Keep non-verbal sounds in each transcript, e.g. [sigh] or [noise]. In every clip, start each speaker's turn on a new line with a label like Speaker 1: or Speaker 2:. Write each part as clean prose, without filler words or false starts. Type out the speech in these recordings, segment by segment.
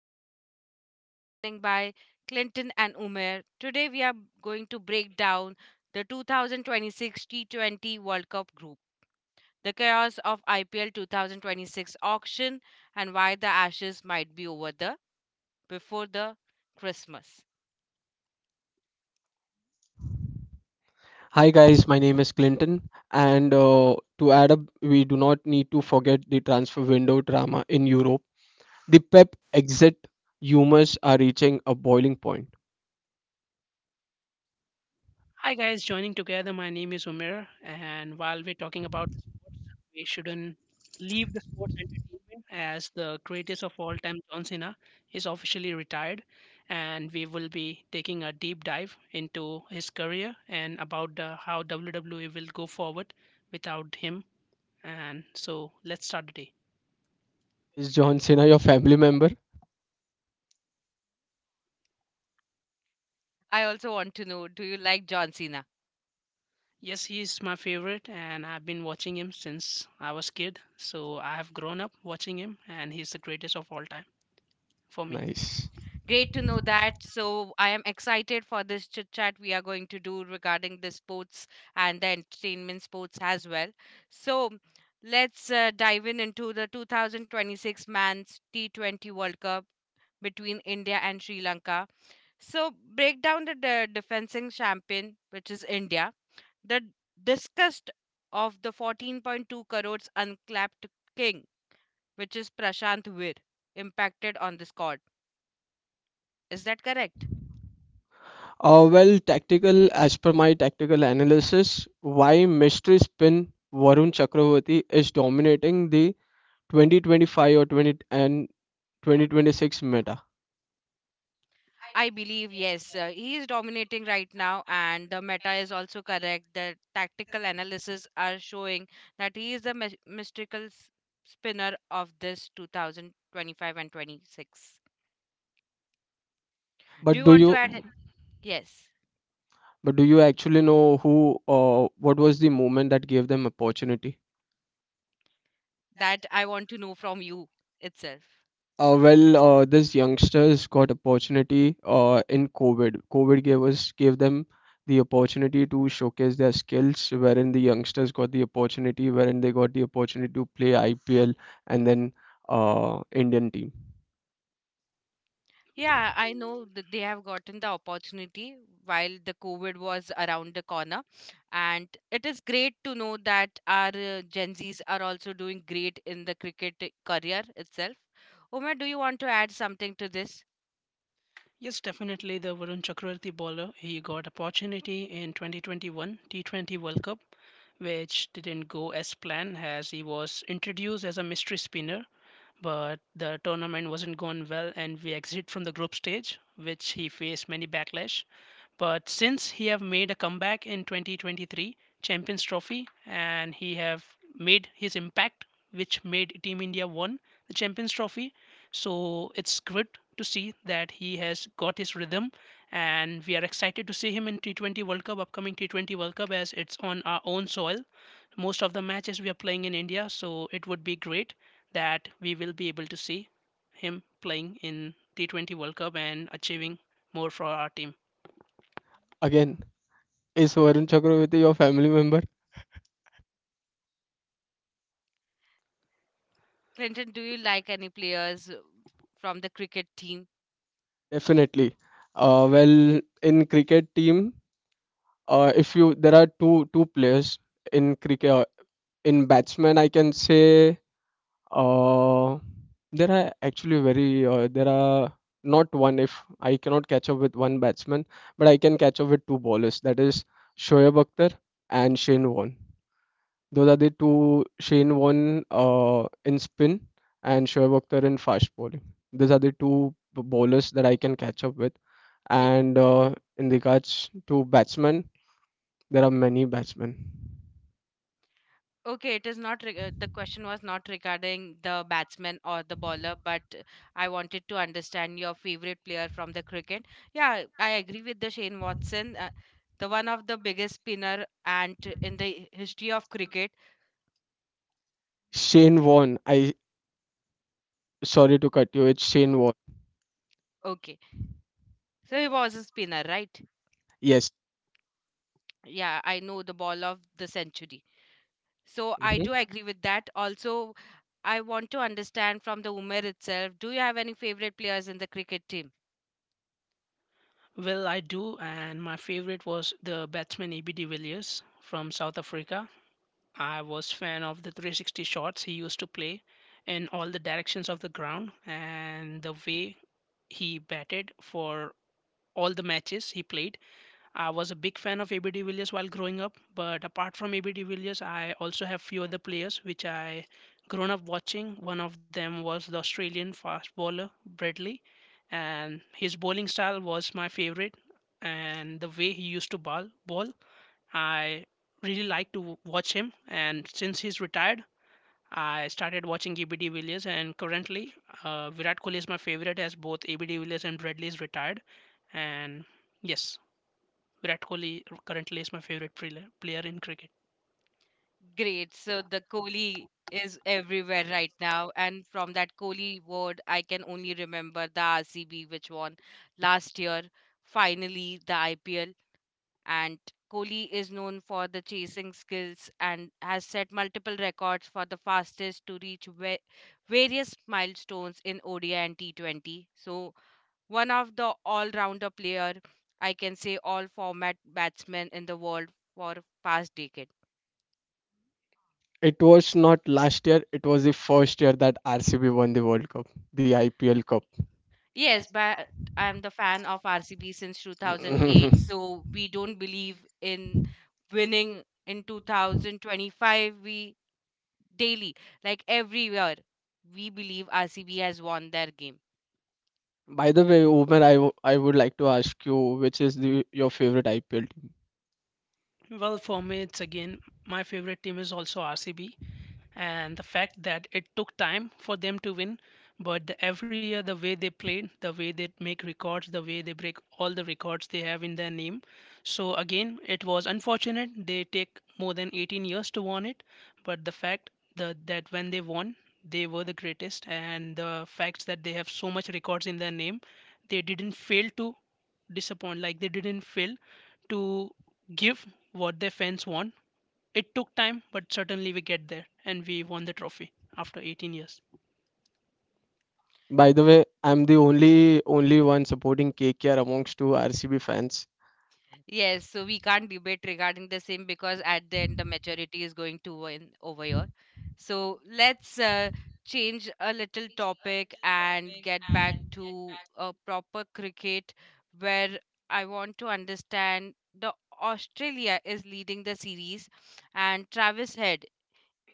Speaker 1: I am Ashwarya, joining by Clinton and Umer. Today we are going to break down the 2026 T20 World Cup group, the chaos of IPL 2026 auction, and why the Ashes might be over the before the Christmas.
Speaker 2: Hi guys, my name is Clinton, and to add up, we do not need to forget the transfer window drama in Europe. The Pep exit humors are reaching a boiling point.
Speaker 3: Hi guys, joining together. My name is Umer, and while we're talking about sports, we shouldn't leave the sports entertainment as the greatest of all time, John Cena, is officially retired, and we will be taking a deep dive into his career and about how WWE will go forward without him. And so let's start the day.
Speaker 2: Is John Cena your family member?
Speaker 1: I also want to know, do you like John Cena?
Speaker 3: Yes, he is my favorite, and I've been watching him since I was kid. So I have grown up watching him, and he's the greatest of all time for me.
Speaker 2: Nice.
Speaker 1: Great to know that. So I am excited for this chit chat we are going to do regarding the sports and the entertainment sports as well. So let's dive in into the 2026 Men's T20 World Cup between India and Sri Lanka. So break down the defending champion, which is India. The discussed of the 14.2 crores unclapped king, which is Prashant Vir, impacted on the squad. Is that correct?
Speaker 2: Tactical, as per my tactical analysis, why mystery spin Varun Chakravarti is dominating the 2025 or 20 and 2026 meta.
Speaker 1: I believe yes, he is dominating right now, and the meta is also correct. The tactical analysis are showing that he is the mystical spinner of this 2025 and 26. Do
Speaker 2: But
Speaker 1: you
Speaker 2: do
Speaker 1: want to
Speaker 2: you,
Speaker 1: add it? Yes,
Speaker 2: but do you actually know who or what was the movement that gave them opportunity?
Speaker 1: that I want to know from you itself.
Speaker 2: These youngsters got opportunity in COVID. COVID gave them the opportunity to showcase their skills, wherein the youngsters got the opportunity, wherein they got the opportunity to play IPL and then Indian team.
Speaker 1: Yeah, I know that they have gotten the opportunity while the COVID was around the corner. And it is great to know that our Gen Zs are also doing great in the cricket career itself. Uma, do you want to add something to this?
Speaker 3: Yes, definitely the Varun Chakravarti bowler. He got opportunity in 2021 T20 World Cup, which didn't go as planned as he was introduced as a mystery spinner, but the tournament wasn't going well and we exit from the group stage, which he faced many backlash. But since he have made a comeback in 2023 champions trophy, and he have made his impact, which made team India won the champions trophy. So it's good to see that he has got his rhythm, and we are excited to see him in T20 World Cup, upcoming T20 World Cup, as it's on our own soil. Most of the matches we are playing in India, so it would be great that we will be able to see him playing in T20 World Cup and achieving more for our team.
Speaker 2: Again, is Varun Chakravarti your family member?
Speaker 1: Clinton, do you like any players from the cricket team?
Speaker 2: Definitely. In cricket team, if you there are two players in cricket. In batsman, I can say Uh, there are actually very there are not one. If I cannot catch up with one batsman, but I can catch up with two bowlers. That is Shoaib Akhtar and Shane Warne. Those are the two. Shane Warne in spin and Shoaib Akhtar in fast bowling. These are the bowlers that I can catch up with. And in regards to batsmen, there are many batsmen.
Speaker 1: Okay, it is not the question was not regarding the batsman or the bowler, but I wanted to understand your favorite player from the cricket. Yeah, I agree with the Shane Watson, the one of the biggest spinner and in the history of cricket.
Speaker 2: Shane Warne, I sorry to cut you. It's Shane Warne.
Speaker 1: Okay, so he was a spinner, right?
Speaker 2: Yes.
Speaker 1: Yeah, I know the ball of the century. So I
Speaker 2: Mhm.
Speaker 1: do agree with that. Also, I want to understand from the Umer itself. Do you have any favorite players in the cricket team?
Speaker 3: Well, I do, and my favorite was the batsman EB de Villiers from South Africa. I was fan of the 360 shots he used to play in all the directions of the ground, and the way he batted for all the matches he played, I was a big fan of AB de Villiers while growing up. But apart from AB de Villiers, I also have few other players which I grown up watching. One of them was the Australian fast bowler Bradley, and his bowling style was my favorite, and the way he used to bowl, I really like to watch him. And since he's retired, I started watching AB de Villiers, and currently Virat Kohli is my favorite, as both AB de Villiers and Bradley is retired, and yes, Virat Kohli currently is my favorite player in cricket.
Speaker 1: Great. So the Kohli is everywhere right now. And from that Kohli word, I can only remember the RCB, which won last year, finally, the IPL. And Kohli is known for the chasing skills and has set multiple records for the fastest to reach various milestones in ODI and T20. So, one of the all rounder player, I can say all format batsmen in the world for past decades.
Speaker 2: It was not last year, it was the first year that RCB won the World Cup, the IPL Cup.
Speaker 1: Yes, but I'm the fan of RCB since 2008, so
Speaker 2: [laughs]
Speaker 1: we don't believe in winning in 2025. We daily, like everywhere, we believe RCB has won their game.
Speaker 2: By the way, Umer, I would like to ask you which is your favorite IPL team.
Speaker 3: Well, for me, it's again, my favorite team is also RCB, and the fact that it took time for them to win. But every year, the way they played, the way they make records, the way they break all the records they have in their name. So again, it was unfortunate they take more than 18 years to win it, but the fact that when they won, they were the greatest, and the facts that they have so much records in their name, they didn't fail to disappoint, like they didn't fail to give what their fans want. It took time, but certainly we get there, and we won the trophy after 18 years.
Speaker 2: By the way, I'm the only one supporting KKR amongst two RCB fans.
Speaker 1: Yes, so we can't debate regarding the same because at the end the majority is going to win over here. So let's change a little topic and get back to a proper cricket where I want to understand the Australia is leading the series and Travis Head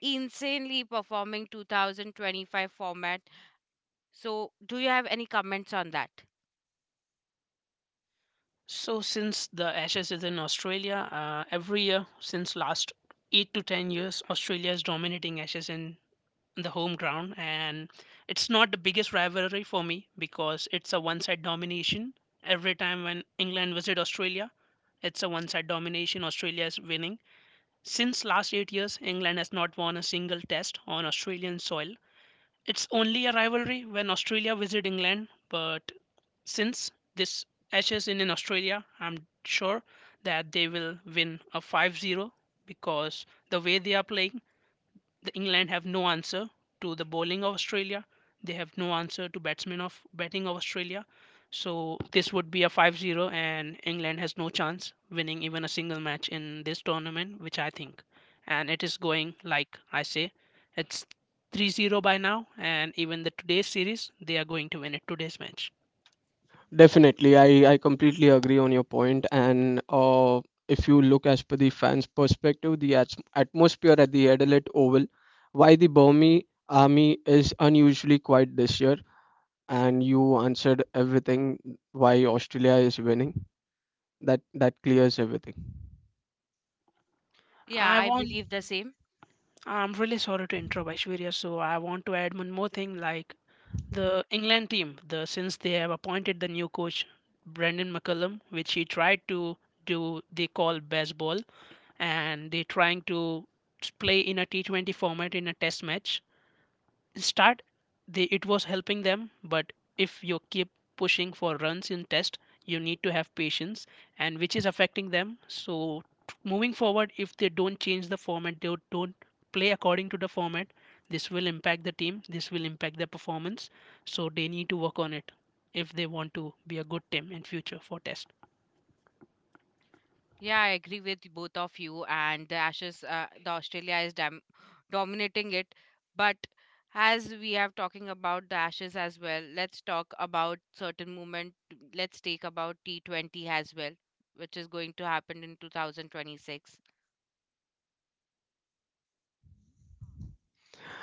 Speaker 1: insanely performing 2025 format. So do you have any comments on that?
Speaker 3: So since the Ashes is in Australia, every year since last 8 to 10 years Australia is dominating Ashes in the home ground, and it's not the biggest rivalry for me because it's a one-side domination. Every time when England visit Australia, it's a one-side domination, Australia is winning. Since last 8 years England has not won a single test on Australian soil. It's only a rivalry when Australia visit England, but since this Ashes in Australia, I'm sure that they will win a 5-0, because the way they are playing, the England have no answer to the bowling of Australia. They have no answer to batsmen of batting of Australia. So this would be a 5-0, and England has no chance winning even a single match in this tournament, which I think. And it is going like I say, it's 3-0 by now, and even the today's series, they are going to win it today's match.
Speaker 2: Definitely, I completely agree on your point. And if you look as per the fans' perspective, atmosphere at the Adelaide Oval, why the Burmese army is unusually quiet this year, and you answered everything why Australia is winning. That clears everything.
Speaker 1: Yeah,
Speaker 3: I
Speaker 1: I
Speaker 3: want
Speaker 1: believe the same.
Speaker 3: I'm really sorry to interrupt Aishwarya, so I want to add one more thing, like, the England team, the since they have appointed the new coach Brendan McCullum, which he tried to do, they call baseball, and they're trying to play in a T20 format in a test match start. They, it was helping them, but if you keep pushing for runs in test, you need to have patience, and which is affecting them. So moving forward, if they don't change the format, they don't play according to the format, this will impact the team, this will impact their performance. So they need to work on it if they want to be a good team in future for test.
Speaker 1: Yeah, I agree with both of you. And the Ashes, the Australia is dominating it. But as we have talking about the Ashes as well, let's talk about certain movement. Let's take about T20 as well, which is going to happen in 2026.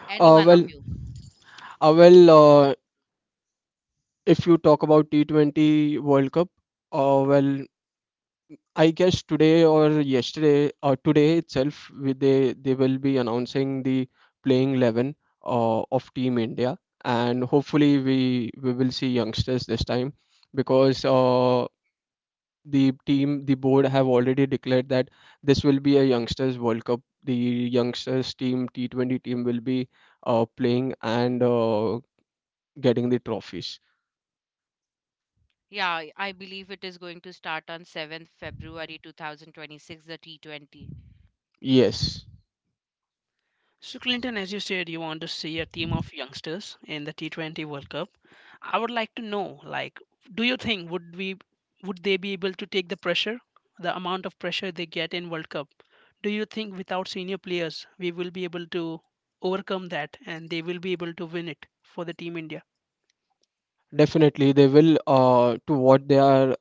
Speaker 1: Any
Speaker 2: Uh,
Speaker 1: one of
Speaker 2: well,
Speaker 1: you?
Speaker 2: uh, well, uh, if you talk about T20 World Cup, uh, well, I guess today or yesterday or today itself, they will be announcing the playing 11 of Team India, and hopefully we will see youngsters this time because the team the board have already declared that this will be a youngsters World Cup. The youngsters team T20 team will be playing and getting the trophies.
Speaker 1: Yeah, I believe it is going to start on 7th February 2026, the T20.
Speaker 2: Yes.
Speaker 3: So, Clinton, as you said, you want to see a team of youngsters in the T20 World Cup. I would like to know, like, do you think would we would they be able to take the pressure, the amount of pressure they get in World Cup? Do you think without senior players we will be able to overcome that, and they will be able to win it for the Team India?
Speaker 2: Definitely, they will to what they are,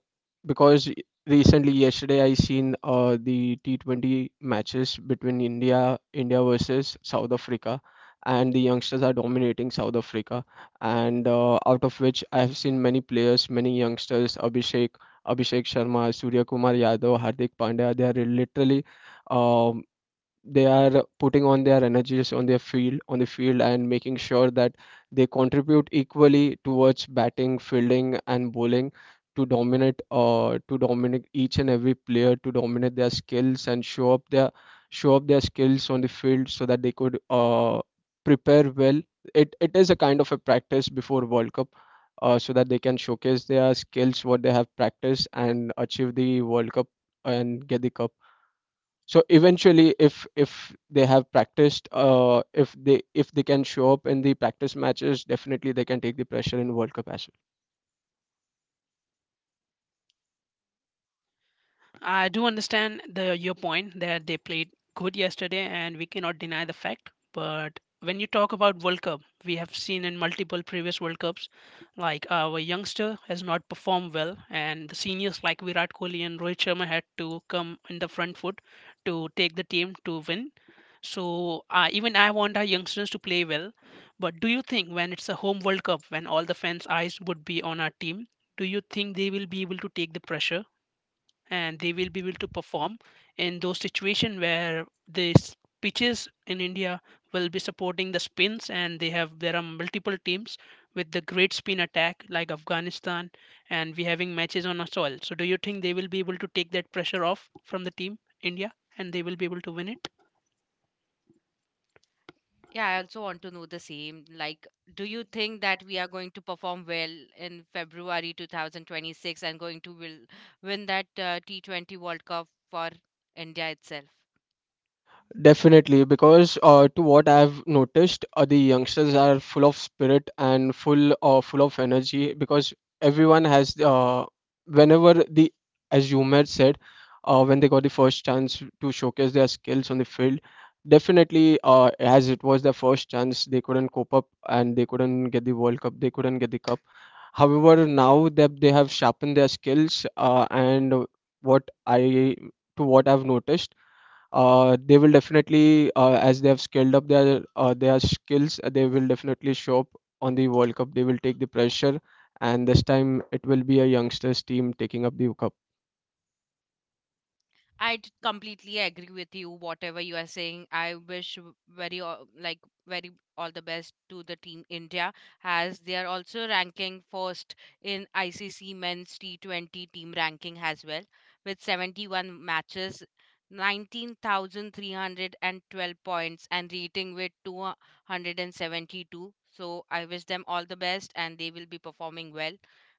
Speaker 2: because recently, yesterday, I seen the T20 matches between India versus South Africa, and the youngsters are dominating South Africa. And out of which, I have seen many players, many youngsters, Abhishek Sharma, Surya Kumar Yadav, Hardik Pandya. They are literally um they are putting on their energies on their field on the field and making sure that they contribute equally towards batting, fielding and bowling to dominate each and every player, to dominate their skills and show up their skills on the field so that they could prepare well. It is a kind of a practice before World Cup, so that they can showcase their skills what they have practiced and achieve the World Cup and get the cup. So eventually, if they have practiced, if they can show up in the practice matches, definitely they can take the pressure in World Cup as well.
Speaker 3: I do understand the your point that they played good yesterday, and we cannot deny the fact. But when you talk about World Cup, we have seen in multiple previous World Cups, like our youngster has not performed well, and the seniors like Virat Kohli and Rohit Sharma had to come in the front foot to take the team to win. So even I want our youngsters to play well. But do you think when it's a home World Cup, when all the fans' eyes would be on our team, do you think they will be able to take the pressure and they will be able to perform in those situations where these pitches in India will be supporting the spins, and they have there are multiple teams with the great spin attack like Afghanistan, and we having matches on our soil. So do you think they will be able to take that pressure off from the team India, and they will be able to win it?
Speaker 1: Yeah, I also want to know the same. Like, do you think that we are going to perform well in February 2026 and going to will win that T20 World Cup for India itself?
Speaker 2: Definitely, because to what I've noticed, the youngsters are full of spirit and full of energy because everyone has whenever the, as you had said, when they got the first chance to showcase their skills on the field, definitely as it was their first chance, they couldn't cope up and they couldn't get the World Cup, they couldn't get the cup. However, now that they have sharpened their skills, and what I to what I've noticed, they will definitely as they have scaled up their skills, they will definitely show up on the World Cup. They will take the pressure, and this time it will be a youngsters team taking up the cup.
Speaker 1: Completely agree with you. Whatever you are saying, I wish very like very all the best to the team India, as they are also ranking first in ICC Men's T20 team ranking as well, with 71 matches, 19,312 points, and rating with 272. So I wish them all the best, and they will be performing well.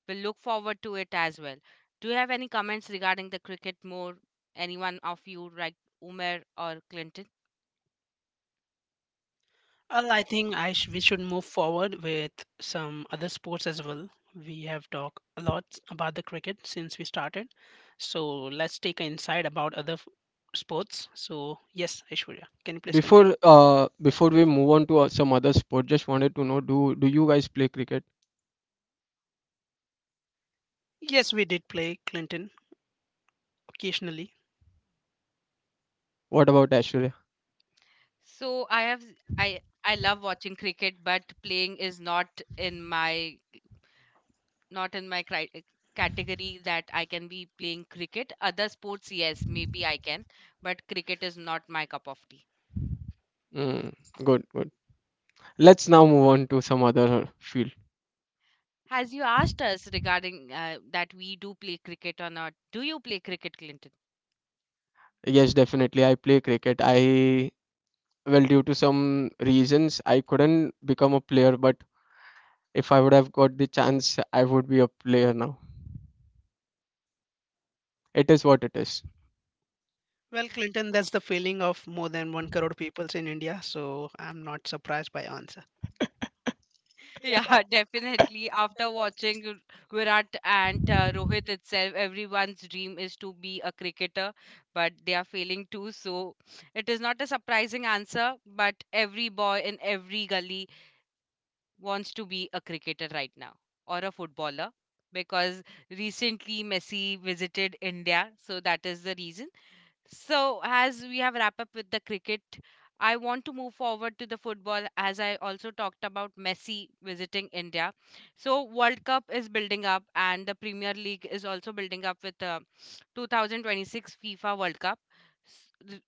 Speaker 1: We'll look forward to it as well. Do you have any comments regarding the cricket more? Anyone of you like Umer or Clinton.
Speaker 3: Well, I think we should move forward with some other sports as well. We have talked a lot about the cricket since we started, so let's take an insight about other sports. So, yes, Aishwarya, can you please continue?
Speaker 2: Before we move on to some other sport, just wanted to know, do you guys play cricket?
Speaker 3: Yes, we did play Clinton occasionally.
Speaker 2: What about Ashwarya?
Speaker 1: So I have I love watching cricket, but playing is not in my not in my category that I can be playing cricket. Other sports, yes, maybe I can, but cricket is not my cup of tea.
Speaker 2: Mm, good, good. Let's now move on to some other field.
Speaker 1: As you asked us regarding that we do play cricket or not, do you play cricket, Clinton?
Speaker 2: Yes, definitely I play cricket. I Well, due to some reasons I couldn't become a player, but if I would have got the chance, I would be a player now. It is what it is.
Speaker 3: Well, Clinton, that's the feeling of more than one crore peoples in India, so I'm not surprised by your answer.
Speaker 1: Yeah, [laughs] definitely. After watching Virat and Rohit itself, everyone's dream is to be a cricketer, but they are failing too. So it is not a surprising answer, but every boy in every gully wants to be a cricketer right now or a footballer because recently Messi visited India. So that is the reason. So, as we have wrap up with the cricket, I want to move forward to the football as I also talked about Messi visiting India. So, World Cup is building up and the Premier League is also building up with the 2026 FIFA World Cup. The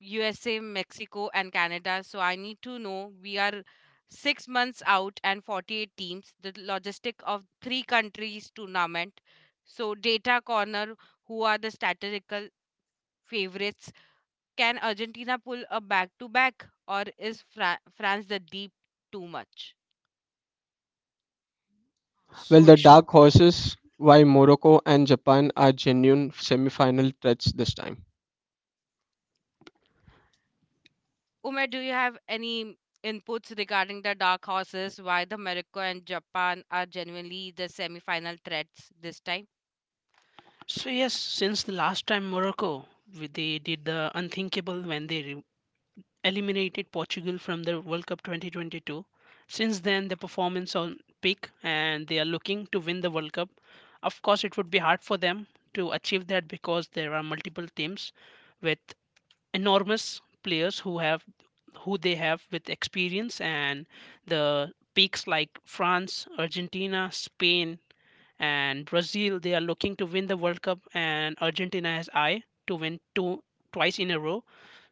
Speaker 1: USA, Mexico and Canada. So, I need to know we are 6 months out and 48 teams, the logistic of 3 countries tournament. So, data corner, who are the statistical favorites, can Argentina pull a back to back, or is France the deep too much?
Speaker 2: Well,
Speaker 3: So,
Speaker 2: the
Speaker 3: Aishwarya,
Speaker 2: dark horses, why Morocco and Japan are genuine semi-final threats this time.
Speaker 1: Umer, do you have any inputs regarding the dark horses? Why the Morocco and Japan are genuinely the semi final threats this time?
Speaker 3: so yes, since the last time Morocco, they did the unthinkable when they eliminated Portugal from the World Cup 2022. Since then, the performance on peak, and they are looking to win the World Cup. Of course, it would be hard for them to achieve that because there are multiple teams with enormous players who have who they have with experience and the peaks, like France, Argentina, Spain, and Brazil, they are looking to win the World Cup, and Argentina has eye to win two twice in a row.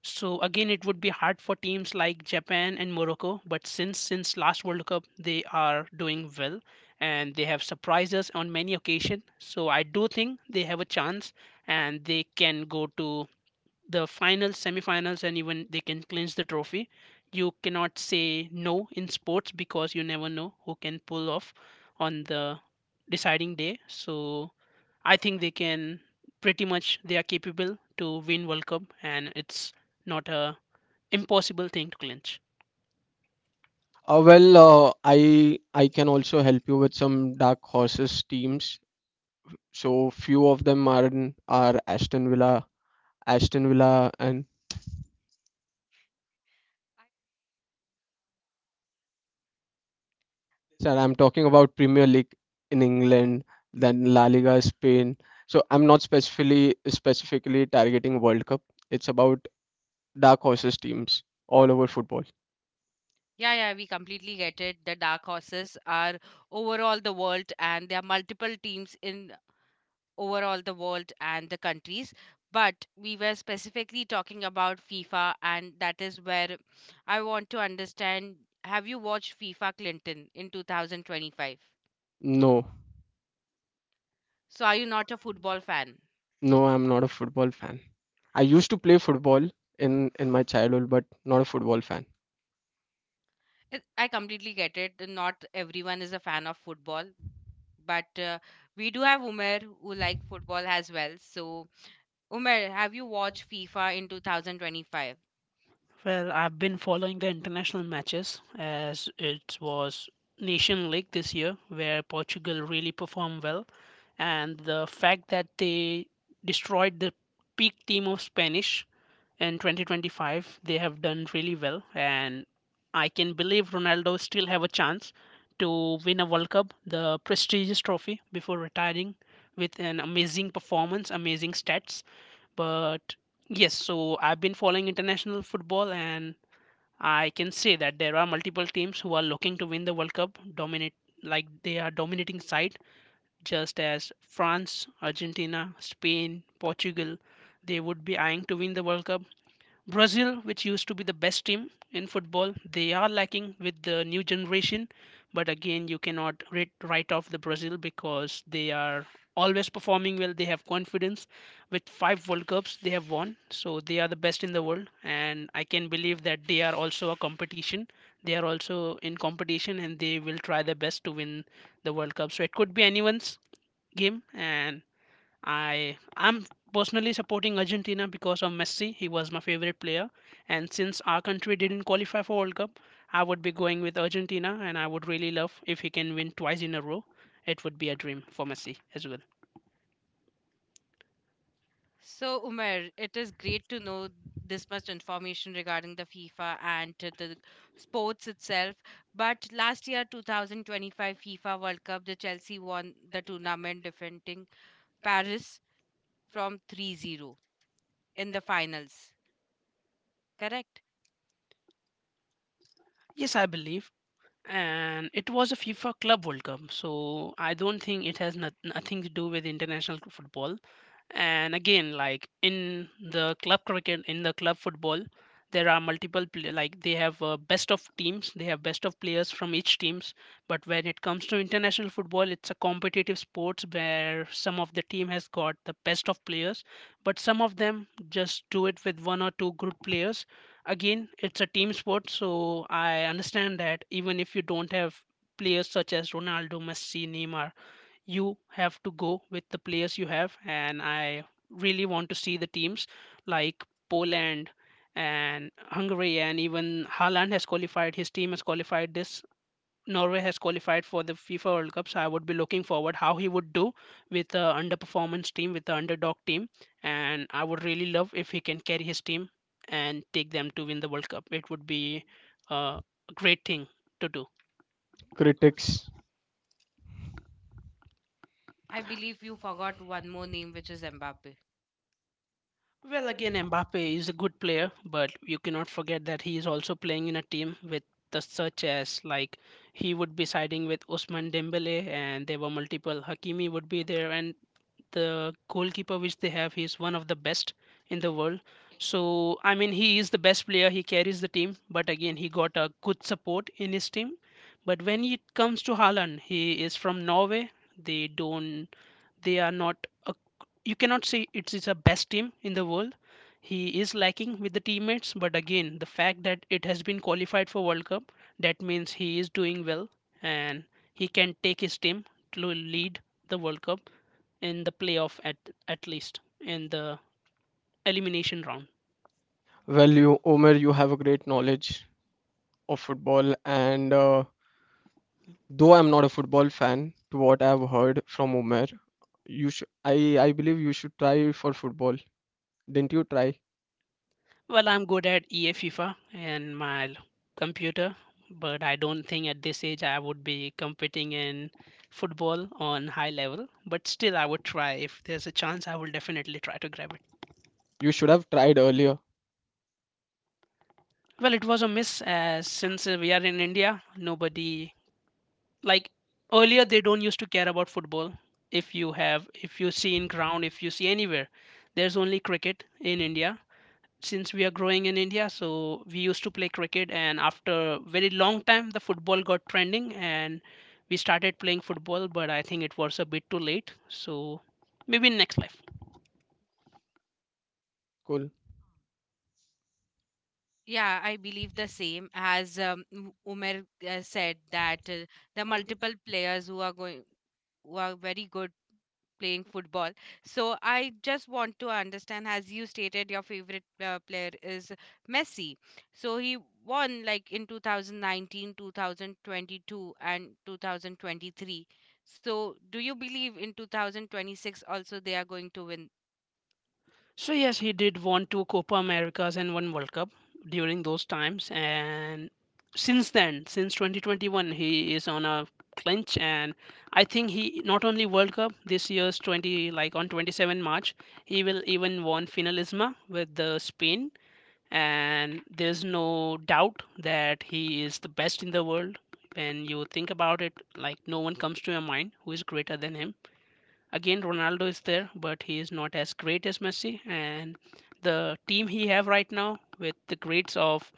Speaker 3: So again, it would be hard for teams like Japan and Morocco, but since last World Cup they are doing well, and they have surprised us on many occasions. So I do think they have a chance, and they can go to the finals, semifinals, and even they can clinch the trophy. You cannot say no in sports because you never know who can pull off on the deciding day. So I think they can, pretty much they are capable to win World Cup, and it's not a impossible thing to clinch.
Speaker 2: Uh, well, I can also help you with some dark horses teams. So few of them are Aston Villa, Aston Villa, and sir, I'm talking about Premier League in England, then La Liga Spain. So I'm not specifically targeting World Cup. It's about dark horses teams all over football.
Speaker 1: Yeah, yeah, we completely get it. The dark horses are overall the world, and there are multiple teams in overall the world and the countries, but we were specifically talking about FIFA and that is where I want to understand, have you watched FIFA Clinton in 2025?
Speaker 2: No,
Speaker 1: So are you not a football fan?
Speaker 2: no, I'm not a football fan. I used to play football in my childhood, but not a football fan.
Speaker 1: It- I completely get it, not everyone is a fan of football, but we do have Umer who like football as well, so Umer have you watched FIFA in 2025?
Speaker 3: Well, I've been following the international matches, as it was Nation League this year, where Portugal really performed well, and the fact that they destroyed the peak team of Spanish in 2025, they have done really well, and I can believe Ronaldo still have a chance to win a World Cup, the prestigious trophy before retiring, with an amazing performance, amazing stats. But yes, so I've been following international football, and I can say that there are multiple teams who are looking to win the World Cup, dominate, like they are dominating side, just as France, Argentina, Spain, Portugal, they would be eyeing to win the World Cup. Brazil, which used to be the best team in football, they are lacking with the new generation. But again, you cannot write off the Brazil because they are always performing well. They have confidence. With 5 World Cups, they have won. So they are the best in the world. And I can believe that they are also a competition. They are also in competition, and they will try their best to win the World Cup. So it could be anyone's game. And I'm personally supporting Argentina because of Messi. He was my favorite player, and since our country didn't qualify for World Cup, I would be going with Argentina, and I would really love if he can win twice in a row. It would be a dream for Messi as well.
Speaker 1: So, Umer, it is great to know this much information regarding the FIFA and to the sports itself. But last year, 2025 FIFA World Cup, the Chelsea won the tournament defeating Paris from 3-0 in the finals. Correct?
Speaker 3: Yes, I believe, and it was a FIFA Club World Cup, so I don't think it has not, nothing to do with international football. And again, like in the club cricket, in the club football, there are multiple like they have best of teams. They have best of players from each teams. But when it comes to international football, it's a competitive sports where some of the team has got the best of players, but some of them just do it with one or two good players. Again, it's a team sport, so I understand that even if you don't have players such as Ronaldo, Messi, Neymar, you have to go with the players you have. And I really want to see the teams like Poland and Hungary. And even Haaland has qualified, his team has qualified this. Norway has qualified for the FIFA World Cup, so I would be looking forward how he would do with the underperformance team, with the underdog team. And I would really love if he can carry his team and take them to win the World Cup. It would be uh, a great thing to do.
Speaker 2: Critics,
Speaker 1: I believe you forgot one more name, which is Mbappe.
Speaker 3: Well, again, Mbappe is a good player, but you cannot forget that he is also playing in a team with the such as like he would be siding with Usman Dembele, and there were multiple Hakimi would be there, and the goalkeeper which they have, he is one of the best in the world. So I mean, he is the best player. He carries the team, but again, he got a good support in his team. But when it comes to Haaland, he is from Norway. They don't, they are not a, you cannot say it's a best team in the world. He is lacking with the teammates, but again, the fact that it has been qualified for World Cup, that means he is doing well, and he can take his team to lead the World Cup in the playoff at least in the elimination round.
Speaker 2: well, you Omer, you have a great knowledge of football, and though I'm not a football fan, to what I've heard from Omer, you should I believe you should try for football. Didn't you try?
Speaker 3: Well, I'm good at EA FIFA and my computer, but I don't think at this age I would be competing in football on high level. But still, I would try. If there's a chance, I will definitely try to grab.
Speaker 2: You should have tried earlier.
Speaker 3: Well, it was a miss since we are in India. Nobody, like, earlier they don't used to care about football. If you have, if you see in ground, if you see anywhere, there's only cricket in India. Since we are growing in India, so we used to play cricket, and after very long time, the football got trending, and we started playing football. But I think it was a bit too late. So maybe in next life.
Speaker 2: Cool.
Speaker 1: Yeah, I believe the same as Umer said that the multiple players who are going who are very good playing football. So I just want to understand, as you stated, your favorite player is Messi. So he won like in 2019, 2022, and 2023. So do you believe in 2026 also they are going to win?
Speaker 3: So yes, he did won two Copa Americas and one World Cup during those times, and since then, since 2021, he is on a clinch, and I think he not only World Cup this year's 20 like on 27 March, he will even won finalisma with the Spain, and there's no doubt that he is the best in the world. When you think about it, like no one comes to your mind who is greater than him. Again, Ronaldo is there, but he is not as great as Messi. And the team he have right now with the greats of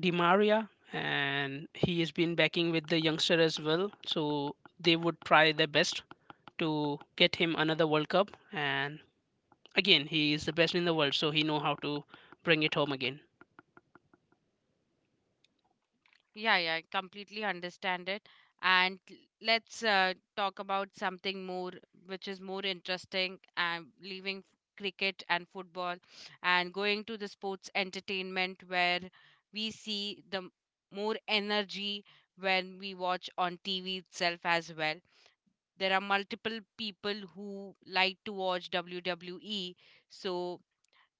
Speaker 3: Di Maria, and he has been backing with the youngster as well. So they would try their best to get him another World Cup. And again, he is the best in the world, so he know how to bring it home again.
Speaker 1: Yeah, yeah, I completely understand it. And let's talk about something more, which is more interesting, and leaving cricket and football and going to the sports entertainment where we see the more energy when we watch on TV itself as well. There are multiple people who like to watch WWE, so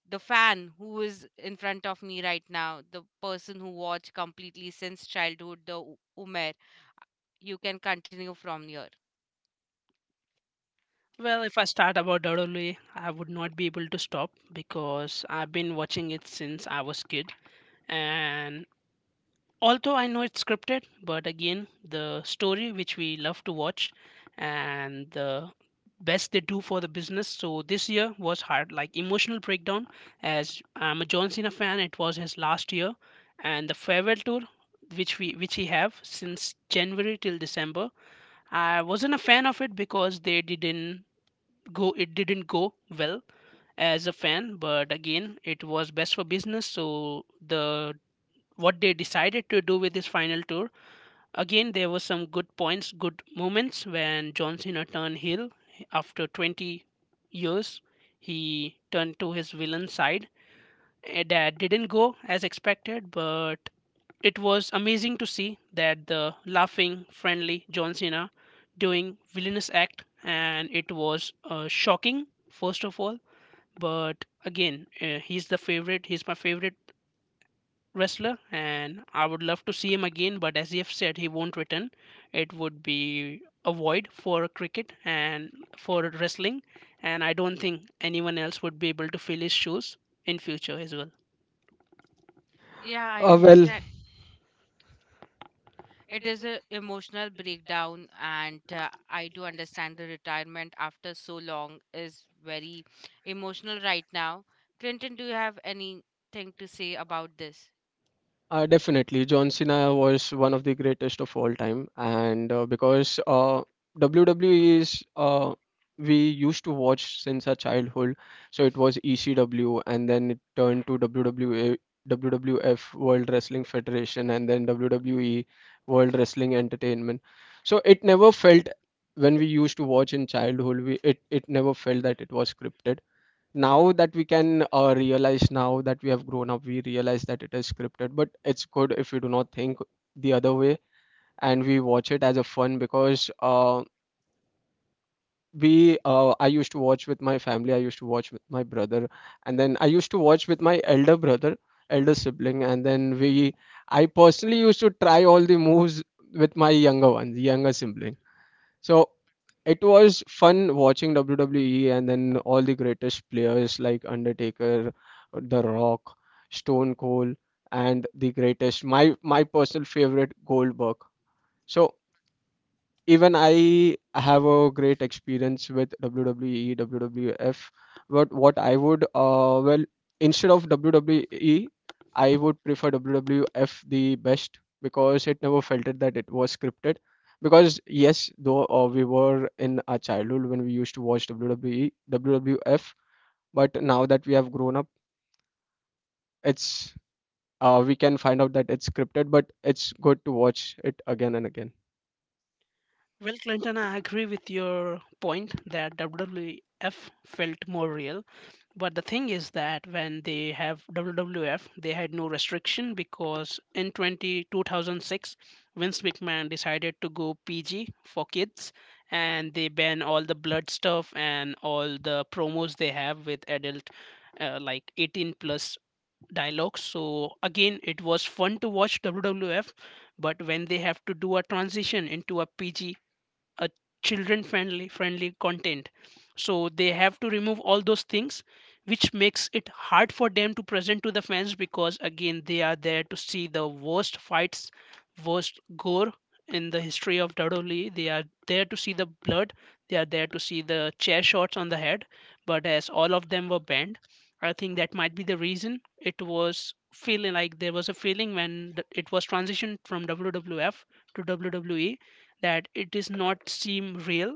Speaker 1: the fan who is in front of me right now, the person who watched completely since childhood, the Umer. You can continue from here.
Speaker 3: Well, if I start about WWE, I would not be able to stop because I've been watching it since I was kid. And although I know it's scripted, but again, the story which we love to watch and the best they do for the business. So this year was hard, like emotional breakdown. As I'm a John Cena fan, it was his last year, and the farewell tour which he have since January till December. I wasn't a fan of it because they didn't go, it didn't go well as a fan, but again, it was best for business. So the what they decided to do with this final tour, again, there were some good points, good moments when John Cena turned heel after 20 years. He turned to his villain side. Eh, that didn't go as expected, but it was amazing to see that the laughing, friendly John Cena doing villainous act. And it was shocking first of all. But again, he's the favorite. He's my favorite wrestler, and I would love to see him again. But as you have said, he won't return. It would be a void for cricket and for wrestling, and I don't think anyone else would be able to fill his shoes in future as well.
Speaker 1: Yeah, I
Speaker 2: Uh, well.
Speaker 1: understand. It is a emotional breakdown, and I do understand the retirement after so long is very emotional right now. Clinton, do you have anything to say about this?
Speaker 2: Definitely, John Cena was one of the greatest of all time, and because WWE is we used to watch since our childhood, so it was ECW, and then it turned to WWE, WWF World Wrestling Federation, and then WWE World Wrestling Entertainment. So it never felt when we used to watch in childhood. We it it never felt that it was scripted. Now that we can realize, now that we have grown up, we realize that it is scripted, but it's good if we do not think the other way and we watch it as a fun because we I used to watch with my family, I used to watch with my brother, and then I used to watch with my elder brother, elder sibling. And then we I personally used to try all the moves with my younger one, the younger sibling. So it was fun watching WWE, and then all the greatest players like Undertaker, The Rock, Stone Cold, and the greatest, my personal favorite, Goldberg. So even I have a great experience with WWE, WWF. But what I would, instead of WWE, I would prefer WWF the best because it never felt it that it was scripted. Because yes, though we were in our childhood when we used to watch WWE, WWF, but now that we have grown up, it's we can find out that it's scripted, but it's good to watch it again and again.
Speaker 3: Well, Clinton, I agree with your point that WWF felt more real. But the thing is that when they have WWF, they had no restriction because in 20 2006, Vince McMahon decided to go PG for kids, and they ban all the blood stuff and all the promos they have with adult like 18 plus dialogues. So again, it was fun to watch WWF, but when they have to do a transition into a PG, a children friendly content, so they have to remove all those things which makes it hard for them to present to the fans, because again, they are there to see the worst fights, worst gore in the history of WWE. They are there to see the blood. They are there to see the chair shots on the head. But as all of them were banned, I think that might be the reason it was feeling like there was a feeling when it was transitioned from WWF to WWE, that it is not seem real.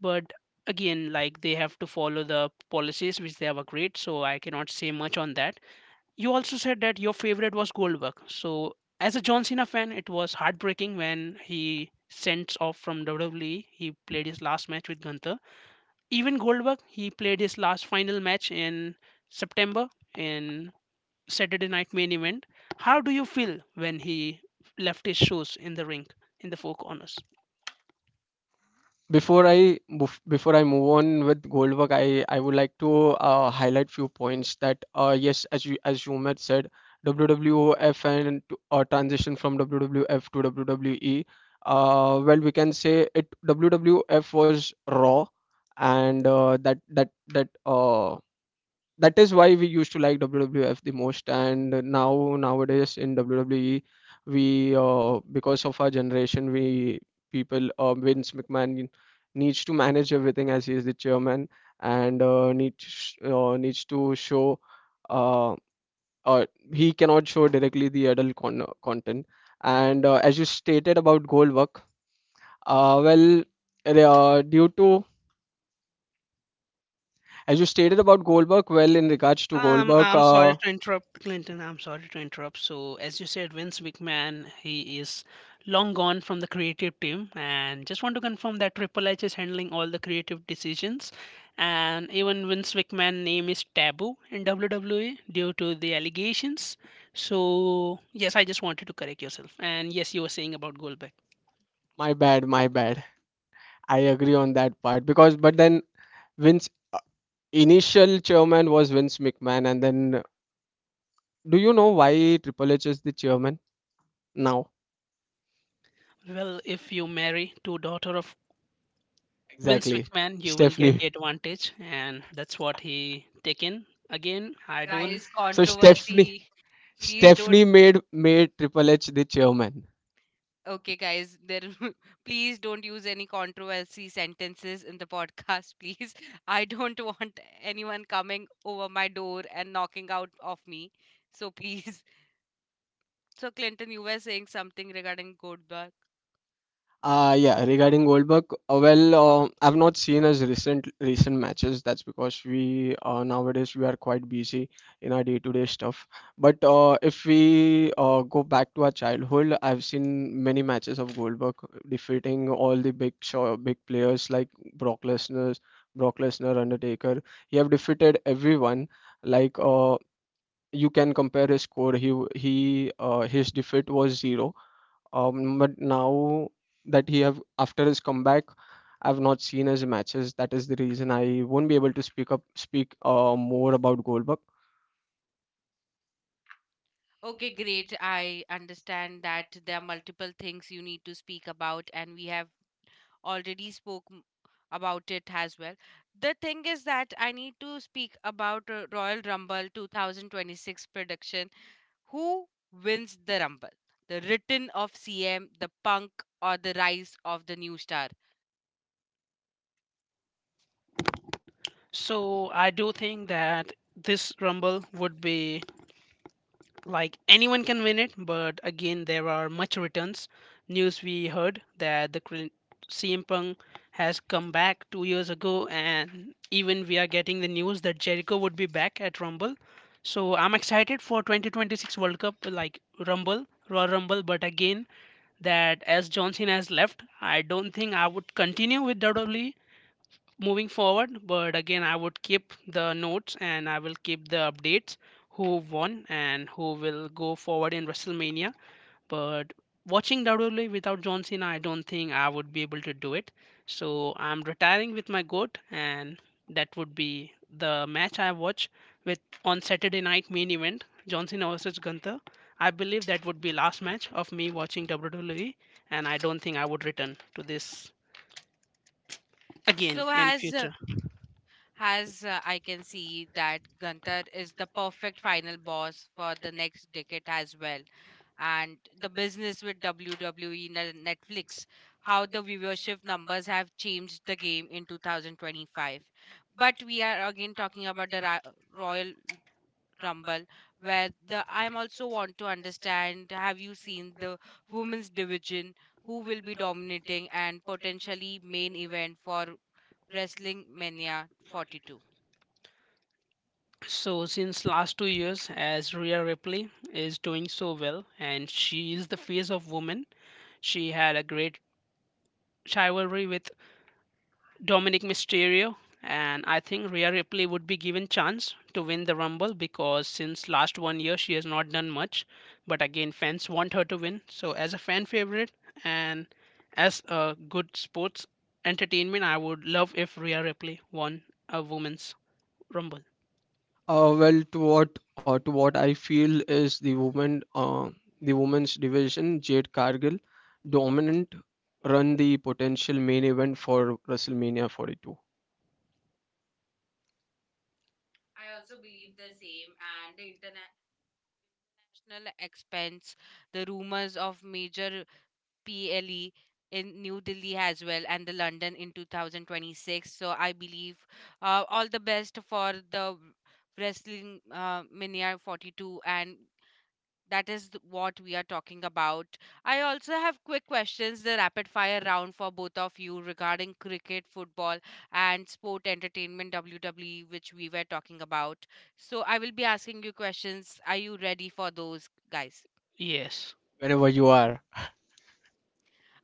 Speaker 3: But again, like they have to follow the policies which they have agreed, so I cannot say much on that. You also said that your favorite was Goldberg. So as a John Cena fan, it was heartbreaking when he sent off from WWE. He played his last match with Gunther. Even Goldberg, he played his last final match in September in Saturday Night Main Event. How do you feel when he left his shoes in the ring in the four corners?
Speaker 2: Before I move on with Goldberg, I would like to highlight few points that, yes, as you had said, WWF and transition from WWF to WWE. We can say it WWF was Raw, and that is why we used to like WWF the most. And now nowadays in WWE we because of our generation, we people Vince McMahon needs to manage everything as he is the chairman and needs to show uh, uh, he cannot show directly the adult content. And as you stated about Goldberg, uh, well due to, as you stated about Goldberg, well, in regards to Goldberg
Speaker 3: I'm sorry to interrupt, Clinton. I'm sorry to interrupt. So, as you said, Vince McMahon, he is long gone from the creative team, and just want to confirm that Triple H is handling all the creative decisions, and even Vince McMahon name is taboo in WWE due to the allegations. So, yes, I just wanted to correct yourself, and yes, you were saying about Goldberg.
Speaker 2: my bad, I agree on that part. Because, but then Vince, initial chairman was Vince McMahon, and then do you know why Triple H is the chairman now?
Speaker 3: Well, if you marry two daughter of Vince
Speaker 2: Exactly,
Speaker 3: McMahon, you will get
Speaker 2: Stephanie.
Speaker 3: the advantage, and that's what he taken. Again, I don't.
Speaker 1: Guys,
Speaker 2: So
Speaker 1: controversy. Please
Speaker 2: Stephanie
Speaker 1: don't.
Speaker 2: made Triple H the chairman.
Speaker 1: Okay, guys, there. [laughs] Please don't use any controversy sentences in the podcast, please. [laughs] I don't want anyone coming over my door and knocking out of me. So please. [laughs] So Clinton, you were saying something regarding Gold.
Speaker 2: Yeah, regarding Goldberg, I've not seen his recent matches. That's because we nowadays we are quite busy in our day-to-day stuff. But if we go back to our childhood, I've seen many matches of Goldberg defeating all the big show, big players like Brock Lesnar, Brock Lesnar, Undertaker. He have defeated everyone. Like you can compare his score. He his defeat was zero. But now that he have, after his comeback, I've not seen his matches. That is the reason I won't be able to speak more about Goldberg.
Speaker 1: Okay, great. I understand that there are multiple things you need to speak about, and we have already spoke about it as well. The thing is that I need to speak about Royal Rumble 2026 prediction. Who wins the Rumble? The return of CM, the Punk, or the rise of the new star?
Speaker 3: So I do think that this rumble would be like anyone can win it. But again, there are much returns news we heard that the CM Punk has come back 2 years ago, and even we are getting the news that Jericho would be back at Rumble. So I'm excited for 2026 World Cup, like Rumble, Royal Rumble. But again, that as John Cena has left, I don't think I would continue with WWE moving forward. But again, I would keep the notes, and I will keep the updates who won and who will go forward in WrestleMania. But watching WWE without John Cena, I don't think I would be able to do it. So I'm retiring with my GOAT, and that would be the match I watch with on Saturday Night Main Event, John Cena versus Gunther. I believe that would be last match of me watching WWE, and I don't think I would return to this again
Speaker 1: So,
Speaker 3: in
Speaker 1: as
Speaker 3: future.
Speaker 1: As uh, I can see that Gunther is the perfect final boss for the next decade as well. And the business with WWE Netflix, how the viewership numbers have changed the game in 2025. But we are again talking about the Royal Rumble, where the I'm also want to understand have you seen the women's division who will be dominating and potentially main event for Wrestling Mania 42.
Speaker 3: So since last 2 years, as Rhea Ripley is doing so well, and she is the face of women, she had a great rivalry with Dominic Mysterio, and I think Rhea Ripley would be given chance to win the Rumble because since last one year she has not done much, but again fans want her to win. So as a fan favorite and as a good sports entertainment, I would love if Rhea Ripley won a women's Rumble.
Speaker 2: To what I feel is the women the women's division Jade Cargill dominant run, the potential main event for WrestleMania 42.
Speaker 1: National expense, the rumors of major PLE in New Delhi as well and the London in 2026. So I believe all the best for the Wrestling Mania 42 and that is what we are talking about. I also have quick questions, the rapid fire round for both of you regarding cricket, football, and sport entertainment WWE, which we were talking about. So I will be asking you questions. Are you ready for those, guys?
Speaker 3: Yes,
Speaker 2: Whenever you are,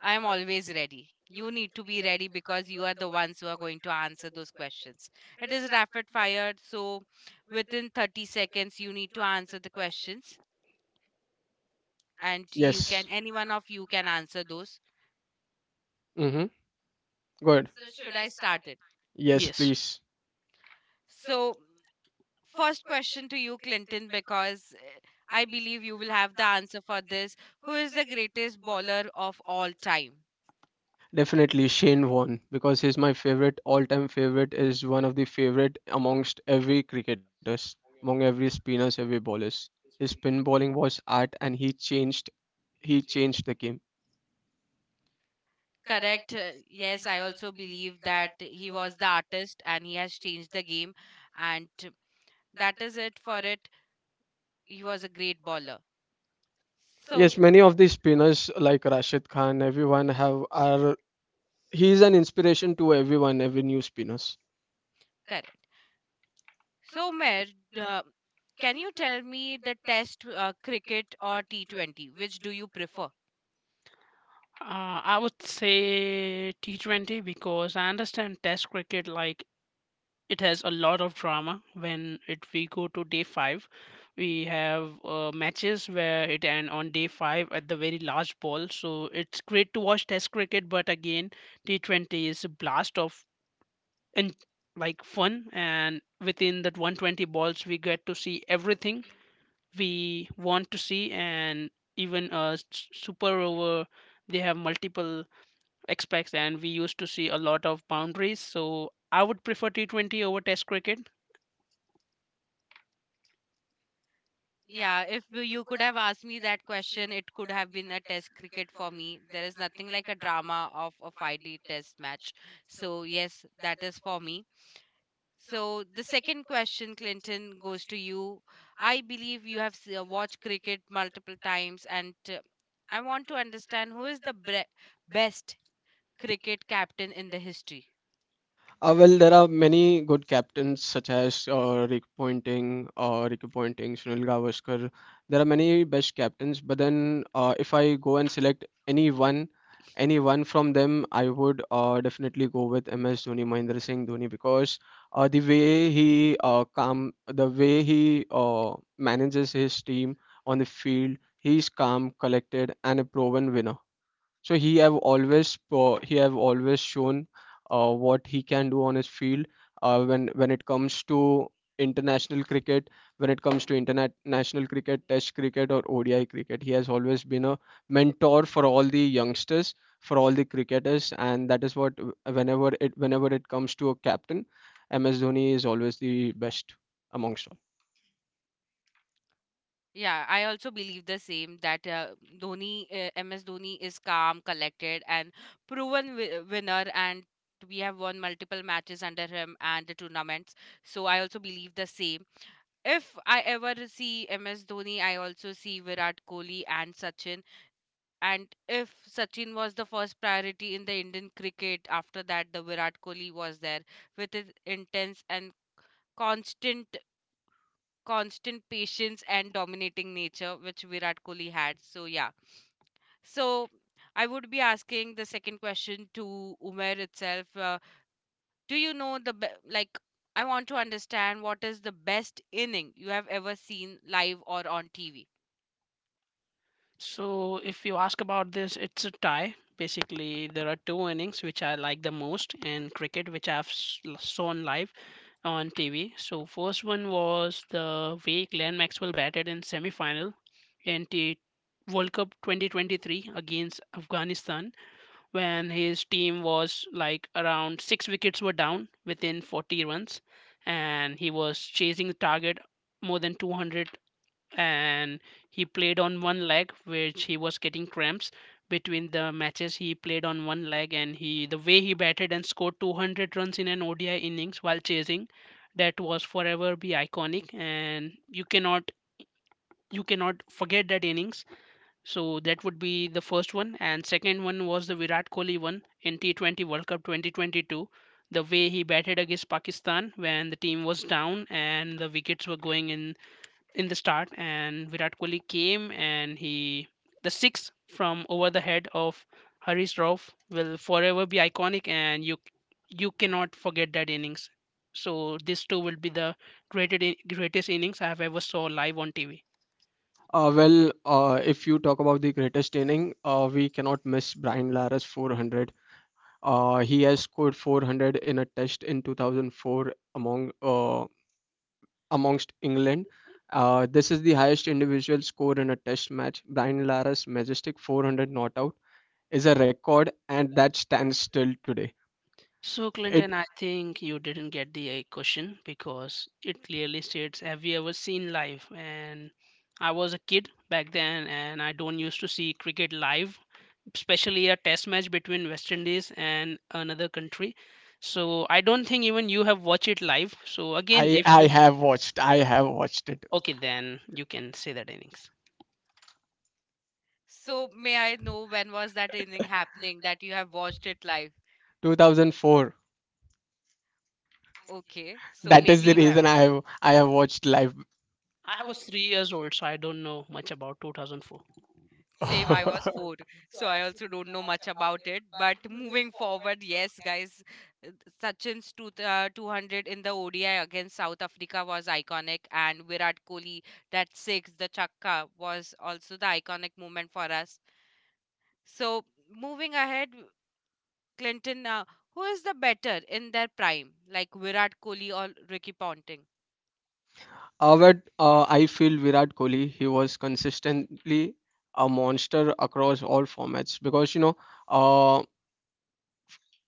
Speaker 1: I am always ready. You need to be ready because you are the ones who are going to answer those questions. It is rapid fire, so within 30 seconds, you need to answer the questions, and you
Speaker 2: yes.
Speaker 1: can, any one of you can answer those.
Speaker 2: Mm-hmm. Good.
Speaker 1: So should I start it?
Speaker 2: Yes,
Speaker 3: yes.
Speaker 2: please.
Speaker 1: So first question to you, Clinton, I believe you will have the answer for this. Who is the greatest bowler of all time?
Speaker 2: Definitely Shane Warne, because he's my favorite, all-time favorite, is one of the favorite amongst every cricketers, among every spinners, every bowlers. His spin bowling was art, and he changed the game.
Speaker 1: Correct. Yes, I also believe that he was the artist and he has changed the game. And that is it for it. He was a great bowler. So
Speaker 2: Yes, many of the spinners like Rashid Khan, everyone have are he is an inspiration to everyone, every new spinners.
Speaker 1: Correct. So, Mer, uh, can you tell me the test cricket or T20? Which do you prefer?
Speaker 3: I would say T20 because I understand Test cricket, like it has a lot of drama. When it we go to day five, we have matches where it end on day five at the very last ball. So it's great to watch Test cricket, but again, T20 is a blast of and like fun, and within that 120 balls we get to see everything we want to see. And even a super over, they have multiple expects, and we used to see a lot of boundaries. So I would prefer T20 over Test cricket.
Speaker 1: Yeah, if you could have asked me that question, it could have been a test cricket for me. There is nothing like a drama of a 5-day test match. So, yes, that is for me. So, the second question, Clinton, goes to you. I believe you have watched cricket multiple times, and I want to understand who is the best cricket captain in the history.
Speaker 2: Well, there are many good captains such as Rick Pointing or Ricky Pointing, Sunil Gavaskar. There are many best captains, but then if I go and select any one from them, I would definitely go with MS Dhoni, Mahendra Singh Dhoni, because the way he calm, the way he manages his team on the field. He's calm, collected, and a proven winner, so he have always shown what he can do on his field when it comes to international cricket. When it comes to international cricket, test cricket or ODI cricket, he has always been a mentor for all the youngsters, for all the cricketers. And that is what, whenever it comes to a captain, MS Dhoni is always the best amongst all.
Speaker 1: Yeah, I also believe the same that Dhoni, MS Dhoni is calm, collected, and proven winner. And we have won multiple matches under him and the tournaments. So I also believe the same. If I ever see MS Dhoni, I also see Virat Kohli and Sachin. And if Sachin was the first priority in the Indian cricket, after that, the Virat Kohli was there with his intense and constant constant patience and dominating nature which Virat Kohli had. So yeah. So I would be asking the second question to Umer itself. Do you know the? I want to understand what is the best inning you have ever seen live or on TV.
Speaker 3: So if you ask about this, it's a tie. Basically, there are two innings which I like the most in cricket, which I've shown live on TV. So first one was the way Glenn Maxwell batted in semi-final in T World Cup 2023 against Afghanistan when his team was like around six wickets were down within 40 runs, and he was chasing the target more than 200. And he played on one leg, which he was getting cramps between the matches. He played on one leg, and he the way he batted and scored 200 runs in an ODI innings while chasing, that was forever be iconic, and you cannot forget that innings. So that would be the first one. And second one was the Virat Kohli one in T20 World Cup 2022. The way he batted against Pakistan when the team was down and the wickets were going in the start, and Virat Kohli came and he, the six from over the head of Harish Rauf will forever be iconic, and you cannot forget that innings. So these two will be the greatest innings I have ever saw live on TV.
Speaker 2: If you talk about the greatest inning, we cannot miss Brian Lara's 400. He has scored 400 in a test in 2004 amongst England. This is the highest individual score in a test match. Brian Lara's majestic 400 not out is a record, and that stands still today.
Speaker 3: So,
Speaker 2: It
Speaker 3: Clinton, I think you didn't get the question, because it clearly states, have you ever seen live? And I was a kid back then, and I don't used to see cricket live, especially a test match between West Indies and another country. So I don't think even you have watched it live. So again, if
Speaker 2: I
Speaker 3: you
Speaker 2: have watched. I have watched it.
Speaker 3: okay, then you can say that innings.
Speaker 1: So may I know when was that inning happening that you have watched it live?
Speaker 2: 2004.
Speaker 1: Okay, so
Speaker 2: That is
Speaker 1: maybe
Speaker 2: the
Speaker 1: you have.
Speaker 2: reason I have watched live.
Speaker 3: I was 3 years old, so I don't know much about 2004.
Speaker 1: Same, I was four,
Speaker 2: [laughs]
Speaker 1: so I also don't know much about it. But moving forward, yes, guys, uh, Sachin's 200 in the ODI against South Africa was iconic, and Virat Kohli, that six, the chakka, was also the iconic moment for us. So, moving ahead, Clinton, who is the better in their prime, like Virat Kohli or Ricky Ponting?
Speaker 2: But I feel Virat Kohli, he was consistently a monster across all formats because, you know, uh,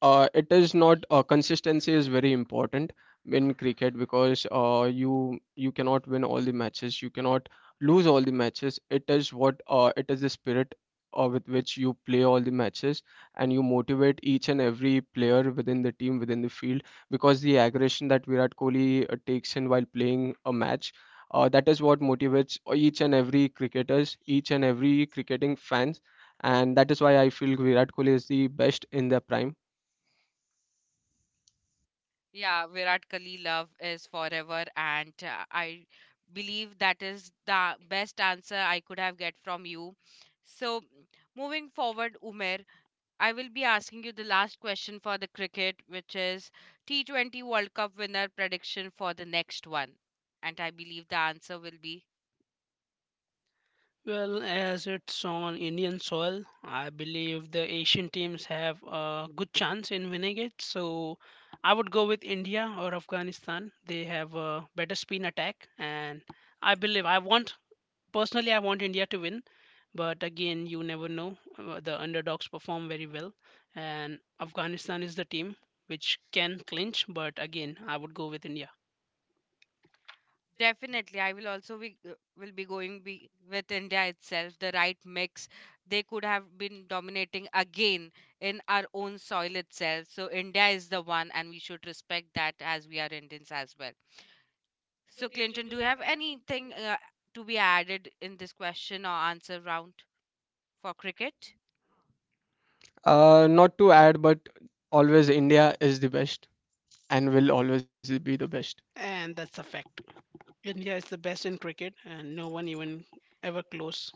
Speaker 2: it is not consistency is very important in cricket. Because you cannot win all the matches, you cannot lose all the matches. It is what, it is the spirit with which you play all the matches and you motivate each and every player within the team, within the field. Because the aggression that Virat Kohli takes in while playing a match, that is what motivates each and every cricketers, each and every cricketing fans. And that is why I feel Virat Kohli is the best in their prime.
Speaker 1: Yeah, Virat Kohli love is forever, and I believe that is the best answer I could have get from you. So, moving forward, Umer, I will be asking you the last question for the cricket, which is T20 World Cup winner prediction for the next one, and I believe the answer will be
Speaker 3: Well, as it's on Indian soil, I believe the Asian teams have a good chance in winning it. So I would go with India or Afghanistan. They have a better spin attack, and I believe I want personally I want India to win. But again, you never know. The underdogs perform very well, and Afghanistan is the team which can clinch. But again, I would go with India,
Speaker 1: Definitely, I will also be going be with India itself. The right mix, they could have been dominating again in our own soil itself. So India is the one, and we should respect that as we are Indians as well. So Clinton, do you have anything to be added in this question or answer round for cricket?
Speaker 2: Not to add, but always India is the best and will always be the best.
Speaker 3: and that's a fact. India is the best in cricket, and no one even ever close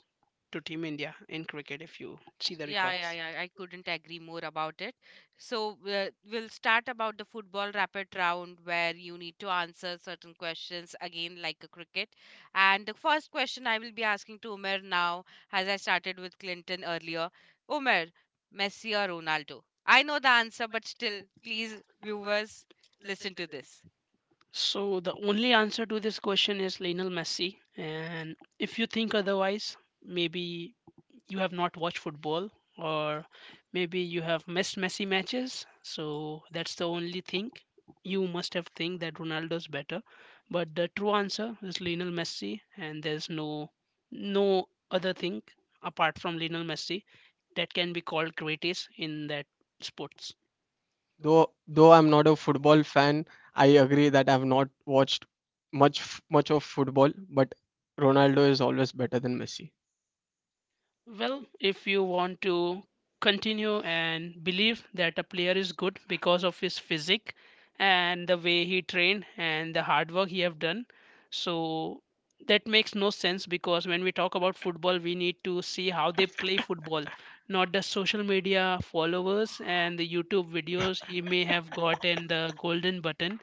Speaker 3: to Team India in cricket if you see the
Speaker 1: Yeah, yeah,
Speaker 3: records.
Speaker 1: yeah. I couldn't agree more about it. So we'll start about the football rapid round where you need to answer certain questions again like a cricket. And the first question I will be asking to Umer now, as I started with Clinton earlier. Umer, Messi or Ronaldo? I know the answer, but still, please, viewers, listen to this.
Speaker 3: So the only answer to this question is Lionel Messi. And if you think otherwise, maybe you have not watched football, or maybe you have missed Messi matches. So that's the only thing you must have think that Ronaldo's better. But the true answer is Lionel Messi, and there's no other thing apart from Lionel Messi that can be called greatest in that sports.
Speaker 2: Though I'm not a football fan, I agree that I've not watched much of football, but Ronaldo is always better than Messi.
Speaker 3: Well, if you want to continue and believe that a player is good because of his physique and the way he trained and the hard work he have done, so that makes no sense, because when we talk about football, we need to see how they play football, not the social media followers and the YouTube videos he may have gotten the golden button,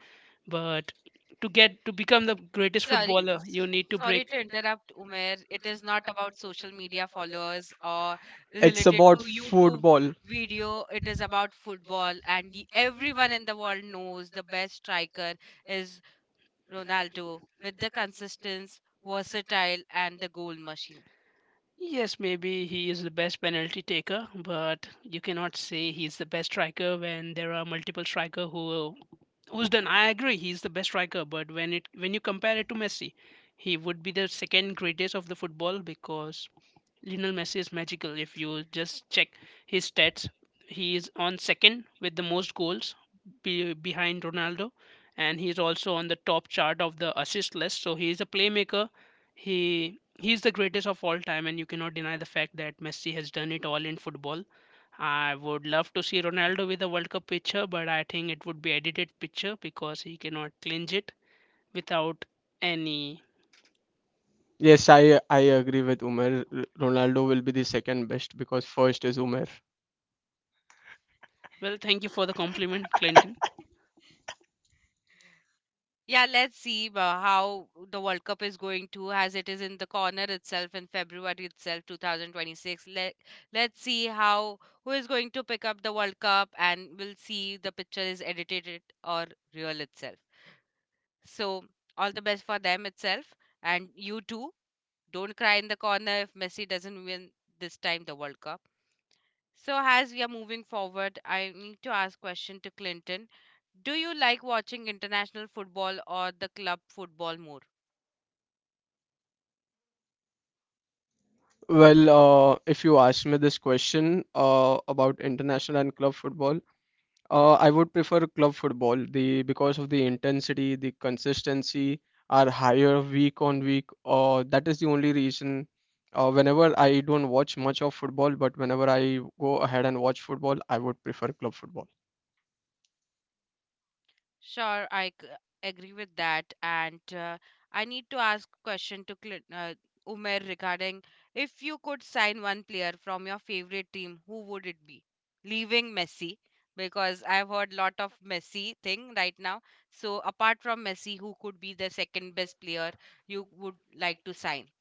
Speaker 3: but to get to become the greatest
Speaker 1: Sorry,
Speaker 3: footballer,
Speaker 1: s-
Speaker 3: you need to
Speaker 1: sorry
Speaker 3: break.
Speaker 1: to interrupt, Umair. It is not about social media followers or
Speaker 2: It's
Speaker 1: related
Speaker 2: about
Speaker 1: to YouTube
Speaker 2: football.
Speaker 1: video. It is about football, and the, everyone in the world knows the best striker is Ronaldo with the consistency, versatile, and the goal machine.
Speaker 3: Yes, maybe he is the best penalty taker, but you cannot say he's the best striker when there are multiple striker who's done. I agree, he's the best striker, but when you compare it to Messi, he would be the second greatest of the football, because Lionel Messi is magical. If you just check his stats, he is on second with the most goals behind Ronaldo, and he is also on the top chart of the assist list. So he is a playmaker. He's the greatest of all time, and you cannot deny the fact that Messi has done it all in football. I would love to see Ronaldo with a World Cup picture, but I think it would be edited picture, because he cannot clinch it without any.
Speaker 2: Yes, I agree with Umer. Ronaldo will be the second best, because first is Umer.
Speaker 3: Well, thank you for the compliment,
Speaker 1: [laughs]
Speaker 3: Clinton.
Speaker 1: Yeah, let's see how the World Cup is going to, as it is in the corner itself in February itself, 2026. Let's see how who is going to pick up the World Cup, and we'll see the picture is edited it or real itself. So all the best for them itself, and you too. Don't cry in the corner if Messi doesn't win this time the World Cup. So as we are moving forward, I need to ask question to Clinton. Do you like watching international football or the club football more?
Speaker 2: Well, if you ask me this question about international and club football, I would prefer club football, The because of the intensity, the consistency are higher week on week. That is the only reason. Whenever, I don't watch much of football, but whenever I go ahead and watch football, I would prefer club football.
Speaker 1: Sure, agree with that. And I need to ask question to Umer regarding if you could sign one player from your favorite team, who would it be? Leaving Messi because I've heard lot of Messi thing right now. So apart from Messi, who could be the second best player you would like to sign?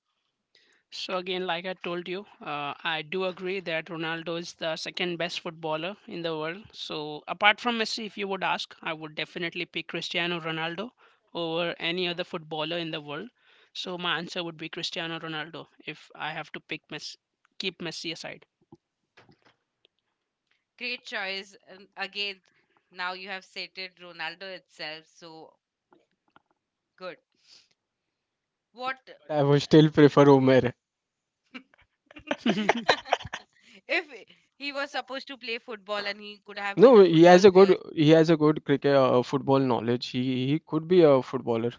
Speaker 3: So again, like I told you, I do agree that Ronaldo is the second best footballer in the world. So apart from Messi, if you would ask, I would definitely pick Cristiano Ronaldo over any other footballer in the world. So my answer would be Cristiano Ronaldo. If I have to pick Messi, keep Messi aside.
Speaker 1: Great choice. And again, now you have cited Ronaldo itself, so good. What
Speaker 2: I would still prefer Umer.
Speaker 3: [laughs]
Speaker 1: [laughs] if he was supposed to play football and he could have been
Speaker 2: No,
Speaker 1: a football player?
Speaker 2: he has a good cricket football knowledge. He could be a footballer.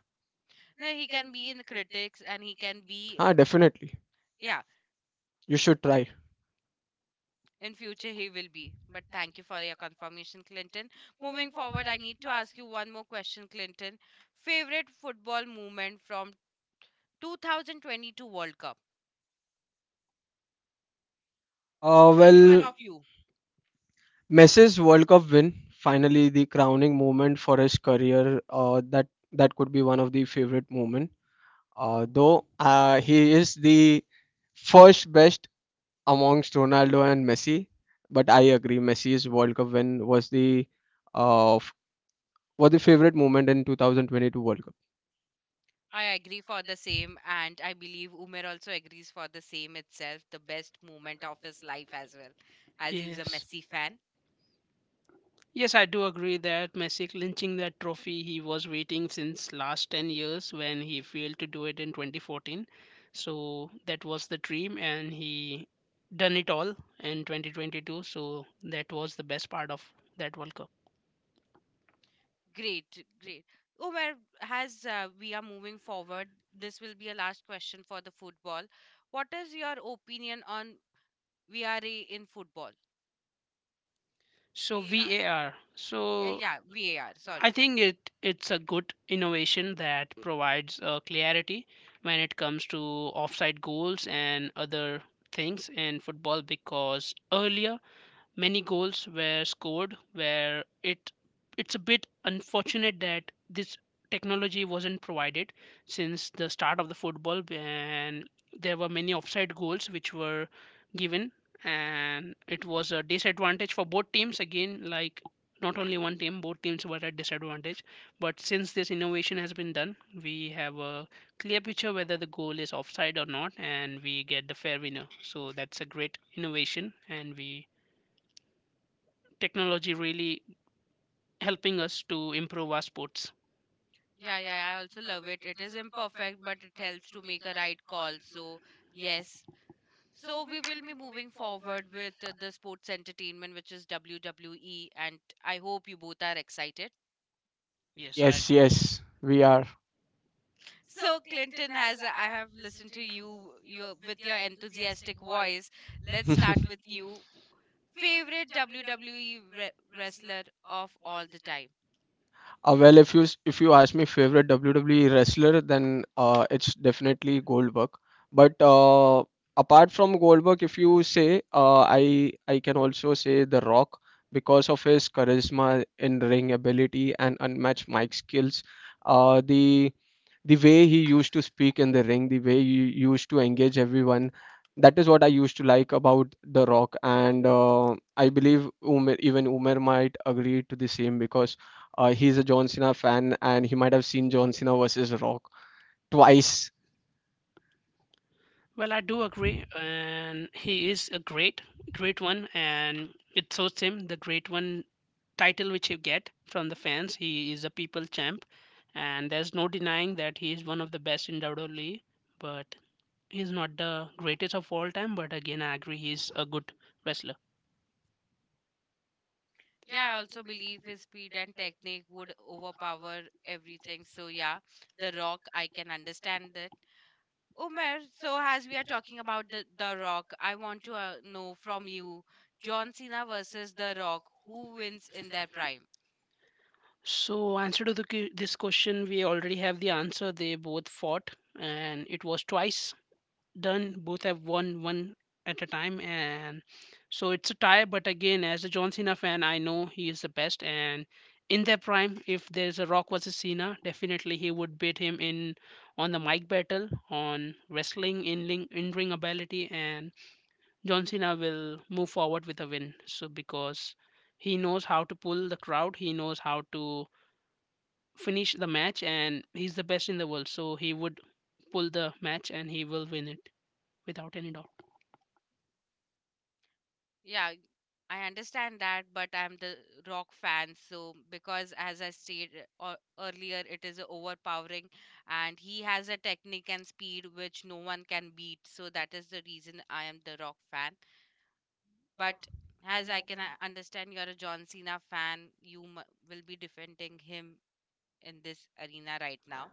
Speaker 1: No, he can be in critics and he can be
Speaker 2: Ah, definitely.
Speaker 1: Yeah,
Speaker 2: You should try.
Speaker 1: in future he will be. But thank you for your confirmation, Clinton. Moving forward, I need to ask you one more question, Clinton. Favorite football moment from 2022 World Cup?
Speaker 2: Uh,
Speaker 1: Any one
Speaker 2: well,
Speaker 1: of you?
Speaker 2: Messi's World Cup win, finally the crowning moment for his career. That could be one of the favorite moment. Though he is the first best amongst Ronaldo and Messi, but I agree Messi's World Cup win was uh f- was the favorite moment in 2022 World Cup.
Speaker 1: I agree for the same, and I believe Umer also agrees for the same itself, the best moment of his life as well, as he's a
Speaker 3: Yes.
Speaker 1: Messi fan.
Speaker 3: Yes, I do agree that Messi clinching that trophy, he was waiting since last 10 years, when he failed to do it in 2014. So that was the dream, and he done it all in 2022. So that was the best part of that World Cup.
Speaker 1: Great, great. Umer, as we are moving forward, this will be a last question for the football. What is your opinion on VRA in football?
Speaker 3: So yeah,
Speaker 1: VAR.
Speaker 3: so
Speaker 1: Yeah, VAR,
Speaker 3: I
Speaker 1: sorry.
Speaker 3: think it's a good innovation that provides clarity when it comes to offside goals and other things in football, because earlier many goals were scored where it's a bit unfortunate that this technology wasn't provided since the start of the football, and there were many offside goals which were given, and it was a disadvantage for both teams. Again, like not only one team, both teams were at disadvantage. But since this innovation has been done, we have a clear picture whether the goal is offside or not, and we get the fair winner. So that's a great innovation, and we, technology really helping us to improve our sports.
Speaker 1: Yeah, yeah, I also love it. It is imperfect, but it helps to make a right call. So, yes, So we will be moving forward with the sports entertainment, which is WWE, and I hope you both are excited.
Speaker 3: Yes, I
Speaker 2: Yes,
Speaker 3: do.
Speaker 2: yes, we are.
Speaker 1: So Clinton, has I have listened to you, your with your enthusiastic voice, let's
Speaker 2: [laughs]
Speaker 1: start with you. Favorite WWE wrestler of all the time?
Speaker 2: Well, if if you ask me favorite WWE wrestler, then it's definitely Goldberg. But apart from Goldberg, if you say, I can also say The Rock, because of his charisma, in ring ability, and unmatched mic skills. Uh, the the way he used to speak in the ring, the way he used to engage everyone, that is what I used to like about The Rock. And I believe Umer, even Umer might agree to the same, because he's a John Cena fan and he might have seen John Cena versus Rock twice.
Speaker 3: Well, I do agree, and he is a great, great one, and it shows him the great one title which he get from the fans. He is a people champ, and there's no denying that he is one of the best in WWE. But he's not the greatest of all time. But again, I agree, he's a good wrestler.
Speaker 1: Yeah, I also believe his speed and technique would overpower everything. So yeah, The Rock, I can understand that. Umer, so as we are talking about the Rock, I want to know from you John Cena versus The Rock, who wins in their prime?
Speaker 3: So, answer to this question, we already have the answer. They both fought, and it was twice done. Both have won one at a time, and so it's a tie. But again, as a John Cena fan, I know he is the best. And in their prime, if there's a Rock versus Cena, definitely he would beat him in on the mic battle, on wrestling, in ring ability, and John Cena will move forward with a win. So because he knows how to pull the crowd, he knows how to finish the match, and he's the best in the world. So he would pull the match and he will win it without any doubt.
Speaker 1: Yeah, I understand that, but I'm the Rock fan, so because as I stated earlier, it is overpowering and he has a technique and speed which no one can beat, so that is the reason I am the Rock fan. But as I can understand, you're a John Cena fan, will be defending him in this arena right now.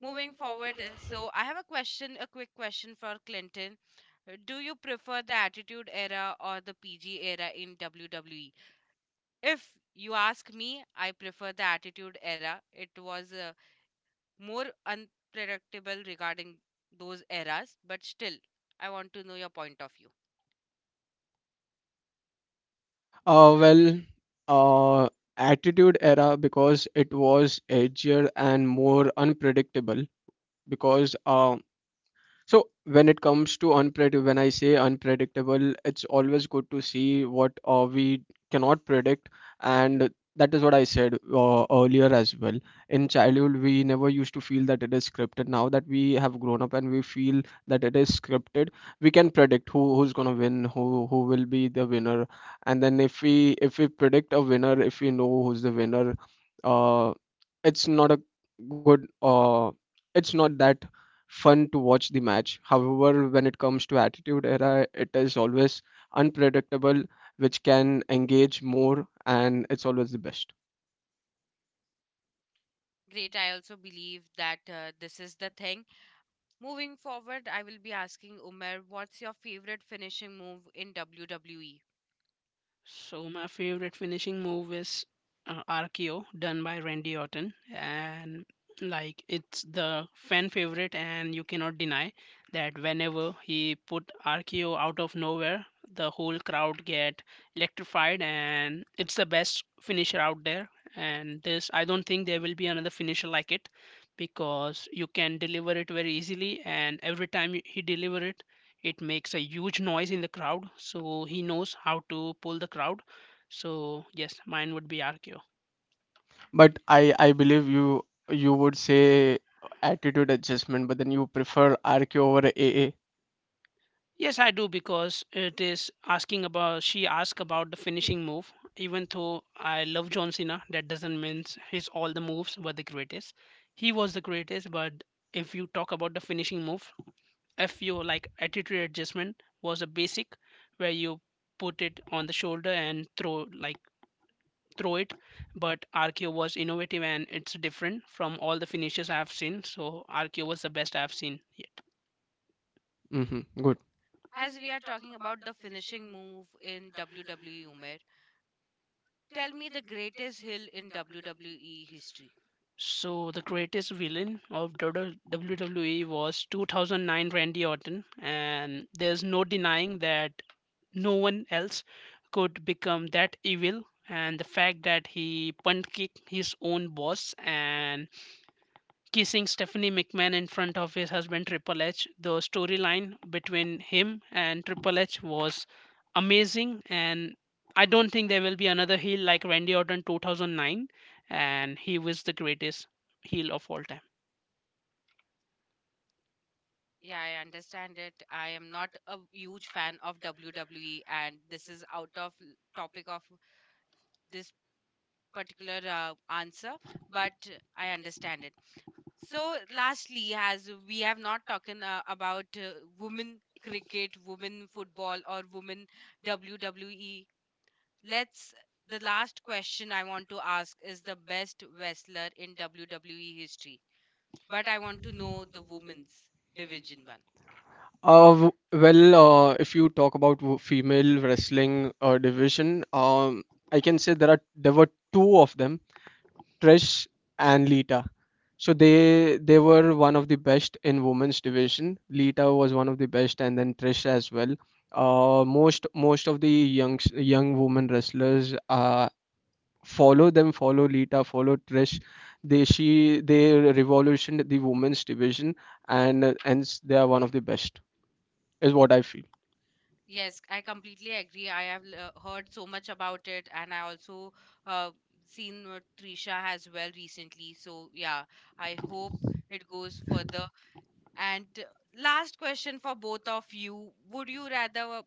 Speaker 1: Moving forward, so I have a question, a quick question for Clinton. Do you prefer the Attitude Era or the PG Era in WWE? If you ask me, I prefer the Attitude Era. It was more unpredictable regarding those eras, but still, I want to know your point of view.
Speaker 2: Uh, well, uh, Attitude Era, because it was edgier and more unpredictable. Because so when it comes to unpredictable, when I say unpredictable, it's always good to see what we cannot predict, and that is what I said earlier as well. In childhood, we never used to feel that it is scripted. Now that we have grown up and we feel that it is scripted, we can predict who's gonna win, who will be the winner. And then if we predict a winner, if we know who's the winner, uh, it's not a good it's not that fun to watch the match. However, when it comes to Attitude Era, it is always unpredictable, which can engage more, and it's always the best.
Speaker 1: Great, I also believe that this is the thing. Moving forward, I will be asking Umer, what's your favorite finishing move in WWE?
Speaker 3: So my favorite finishing move is RKO done by Randy Orton. And like it's the fan favorite, and you cannot deny that whenever he put RKO out of nowhere, the whole crowd get electrified, and it's the best finisher out there. And this, I don't think there will be another finisher like it, because you can deliver it very easily, and every time he deliver it, it makes a huge noise in the crowd. So he knows how to pull the crowd. So yes, mine would be arco.
Speaker 2: But I believe you would say Attitude Adjustment, but then you prefer RQ over AA.
Speaker 3: Yes, I do, because it is asking about, she asked about the finishing move. Even though I love John Cena, that doesn't mean his all the moves were the greatest. He was the greatest, but if you talk about the finishing move, if like Attitude Adjustment was a basic where you put it on the shoulder and throw like through it, but RKO was innovative, and it's different from all the finishes I have seen. So RKO was the best I have seen yet.
Speaker 2: Hmm. Good.
Speaker 1: As we are talking about the finishing move in WWE, Umair, tell me the greatest hill in WWE history.
Speaker 3: So the greatest villain of WWE was 2009 Randy Orton, and there's no denying that no one else could become that evil. And the fact that he punt kicked his own boss and kissing Stephanie McMahon in front of his husband Triple H. The storyline between him and Triple H was amazing, and I don't think there will be another heel like Randy Orton 2009, and he was the greatest heel of all time.
Speaker 1: Yeah, I understand it. I am not a huge fan of WWE, and this is out of topic of this particular answer, but I understand it. So, lastly, as we have not talking about women cricket, women football, or women WWE Let's the last question I want to ask is the best wrestler in WWE history. But I want to know the women's division one.
Speaker 2: Well, if you talk about female wrestling division, I can say there were two of them: Trish and Lita. So they were one of the best in women's division. Lita was one of the best, and then Trish as well. Most of the young women wrestlers follow them, follow Lita, follow Trish. They revolutioned the women's division, and they are one of the best, is what I feel.
Speaker 1: Yes, I completely agree. I have heard so much about it, and I also uh, seen Trisha as well recently. So yeah, I hope it goes further. And last question for both of you: Would you rather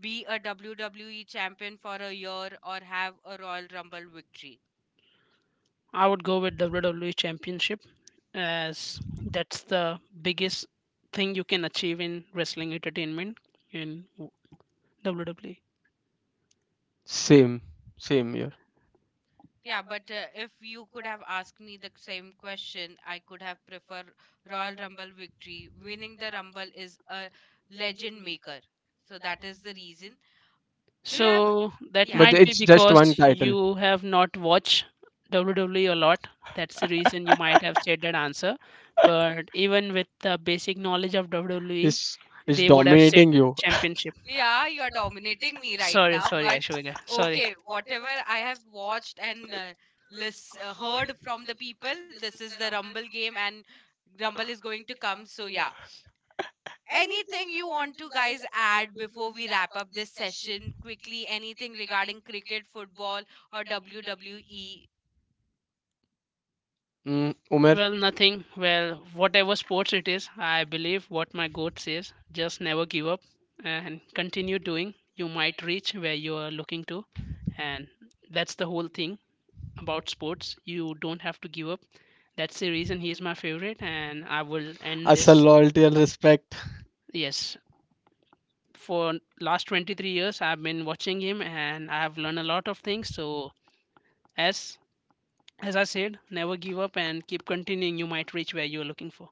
Speaker 1: be a WWE champion for a year or have a Royal Rumble victory?
Speaker 3: I would go with WWE Championship, as that's the biggest thing you can achieve in wrestling entertainment in WWE.
Speaker 2: Same, same year,
Speaker 1: Yeah, but if you could have asked me the same question, I could have preferred Royal Rumble victory. Winning the Rumble is a legend maker. So that is the reason. Do you have
Speaker 3: So that
Speaker 1: yeah.
Speaker 2: but
Speaker 3: might be
Speaker 2: it's just
Speaker 3: because
Speaker 2: one title.
Speaker 3: you have not watched WWE a lot. That's the reason you might have said that answer. But even with the basic knowledge of WWE,
Speaker 2: It's it's
Speaker 3: they would have said
Speaker 2: dominating you. [laughs]
Speaker 3: championship.
Speaker 1: Yeah, you are dominating me right
Speaker 3: Sorry,
Speaker 1: now,
Speaker 3: sorry,
Speaker 1: but
Speaker 3: Ashwika. Sorry.
Speaker 1: okay, whatever I have watched and heard from the people, this is the Rumble game and Rumble is going to come. So yeah, anything you want to guys add before we wrap up this session quickly anything regarding cricket football or wwe
Speaker 2: Mm, Umer?
Speaker 3: Well, nothing. Well, whatever sports it is, I believe what my goat says, just never give up and continue doing. You might reach where you are looking to. And that's the whole thing about sports. You don't have to give up. That's the reason he is my favorite. And I will end
Speaker 2: Hustle,
Speaker 3: this.
Speaker 2: loyalty, and respect.
Speaker 3: Yes, for last 23 years, I've been watching him, and I've learned a lot of things. So, as as I said, never give up and keep continuing. You might reach where you are looking for.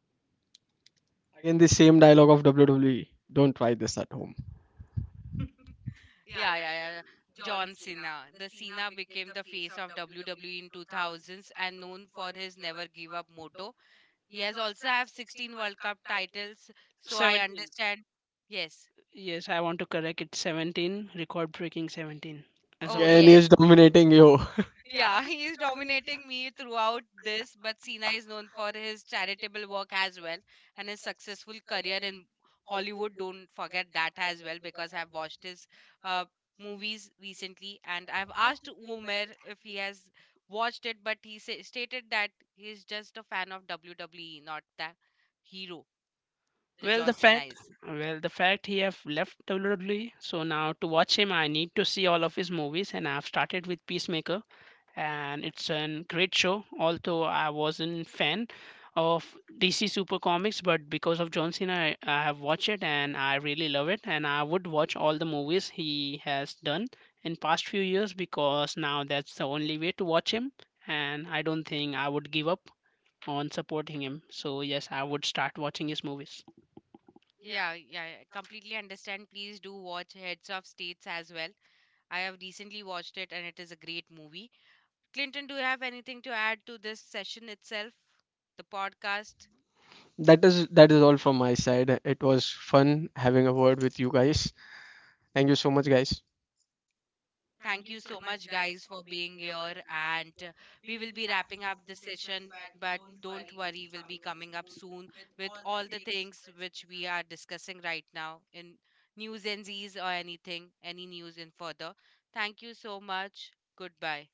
Speaker 2: In the same dialogue of WWE: don't try this at home.
Speaker 1: yeah, yeah, yeah, yeah. John Cena, the Cena became the face of WWE in 2000s and known for his never give up motto. He has also have 16 world cup titles, so I
Speaker 3: 17.
Speaker 1: understand. Yes.
Speaker 3: Yes, I want to correct it, 17, record breaking 17 as
Speaker 1: Oh
Speaker 3: of now.
Speaker 2: Gain is
Speaker 1: yes.
Speaker 2: dominating you.
Speaker 1: Yeah, [laughs] he is dominating me throughout this, but Sina is known for his charitable work as well and his successful career in Hollywood. Don't forget that as well because I've watched his uh, movies recently and I've asked Umer if he has watched it, but he stated that he's just a fan of WWE, not the hero, the
Speaker 3: Well, the
Speaker 1: John Cena
Speaker 3: fact,
Speaker 1: is.
Speaker 3: well, the fact he have left WWE, so now to watch him, I need to see all of his movies, and I've started with Peacemaker. And it's a great show. Although I wasn't fan of DC Super Comics, but because of John Cena, I have watched it and I really love it. And I would watch all the movies he has done in past few years, because now that's the only way to watch him. And I don't think I would give up on supporting him. So yes, I would start watching his movies.
Speaker 1: Yeah, yeah, I completely understand. Please do watch Heads of States as well. I have recently watched it and it is a great movie. Clinton, do you have anything to add to this session itself, the podcast?
Speaker 2: That is, that is all from my side. It was fun having a word with you guys. Thank you so much, guys.
Speaker 1: Thank you so much, guys, for being here. And we will be wrapping up the session, but don't worry, we'll be coming up soon with all the things which we are discussing right now in news and Z's or anything, any news in further. Thank you so much. Goodbye.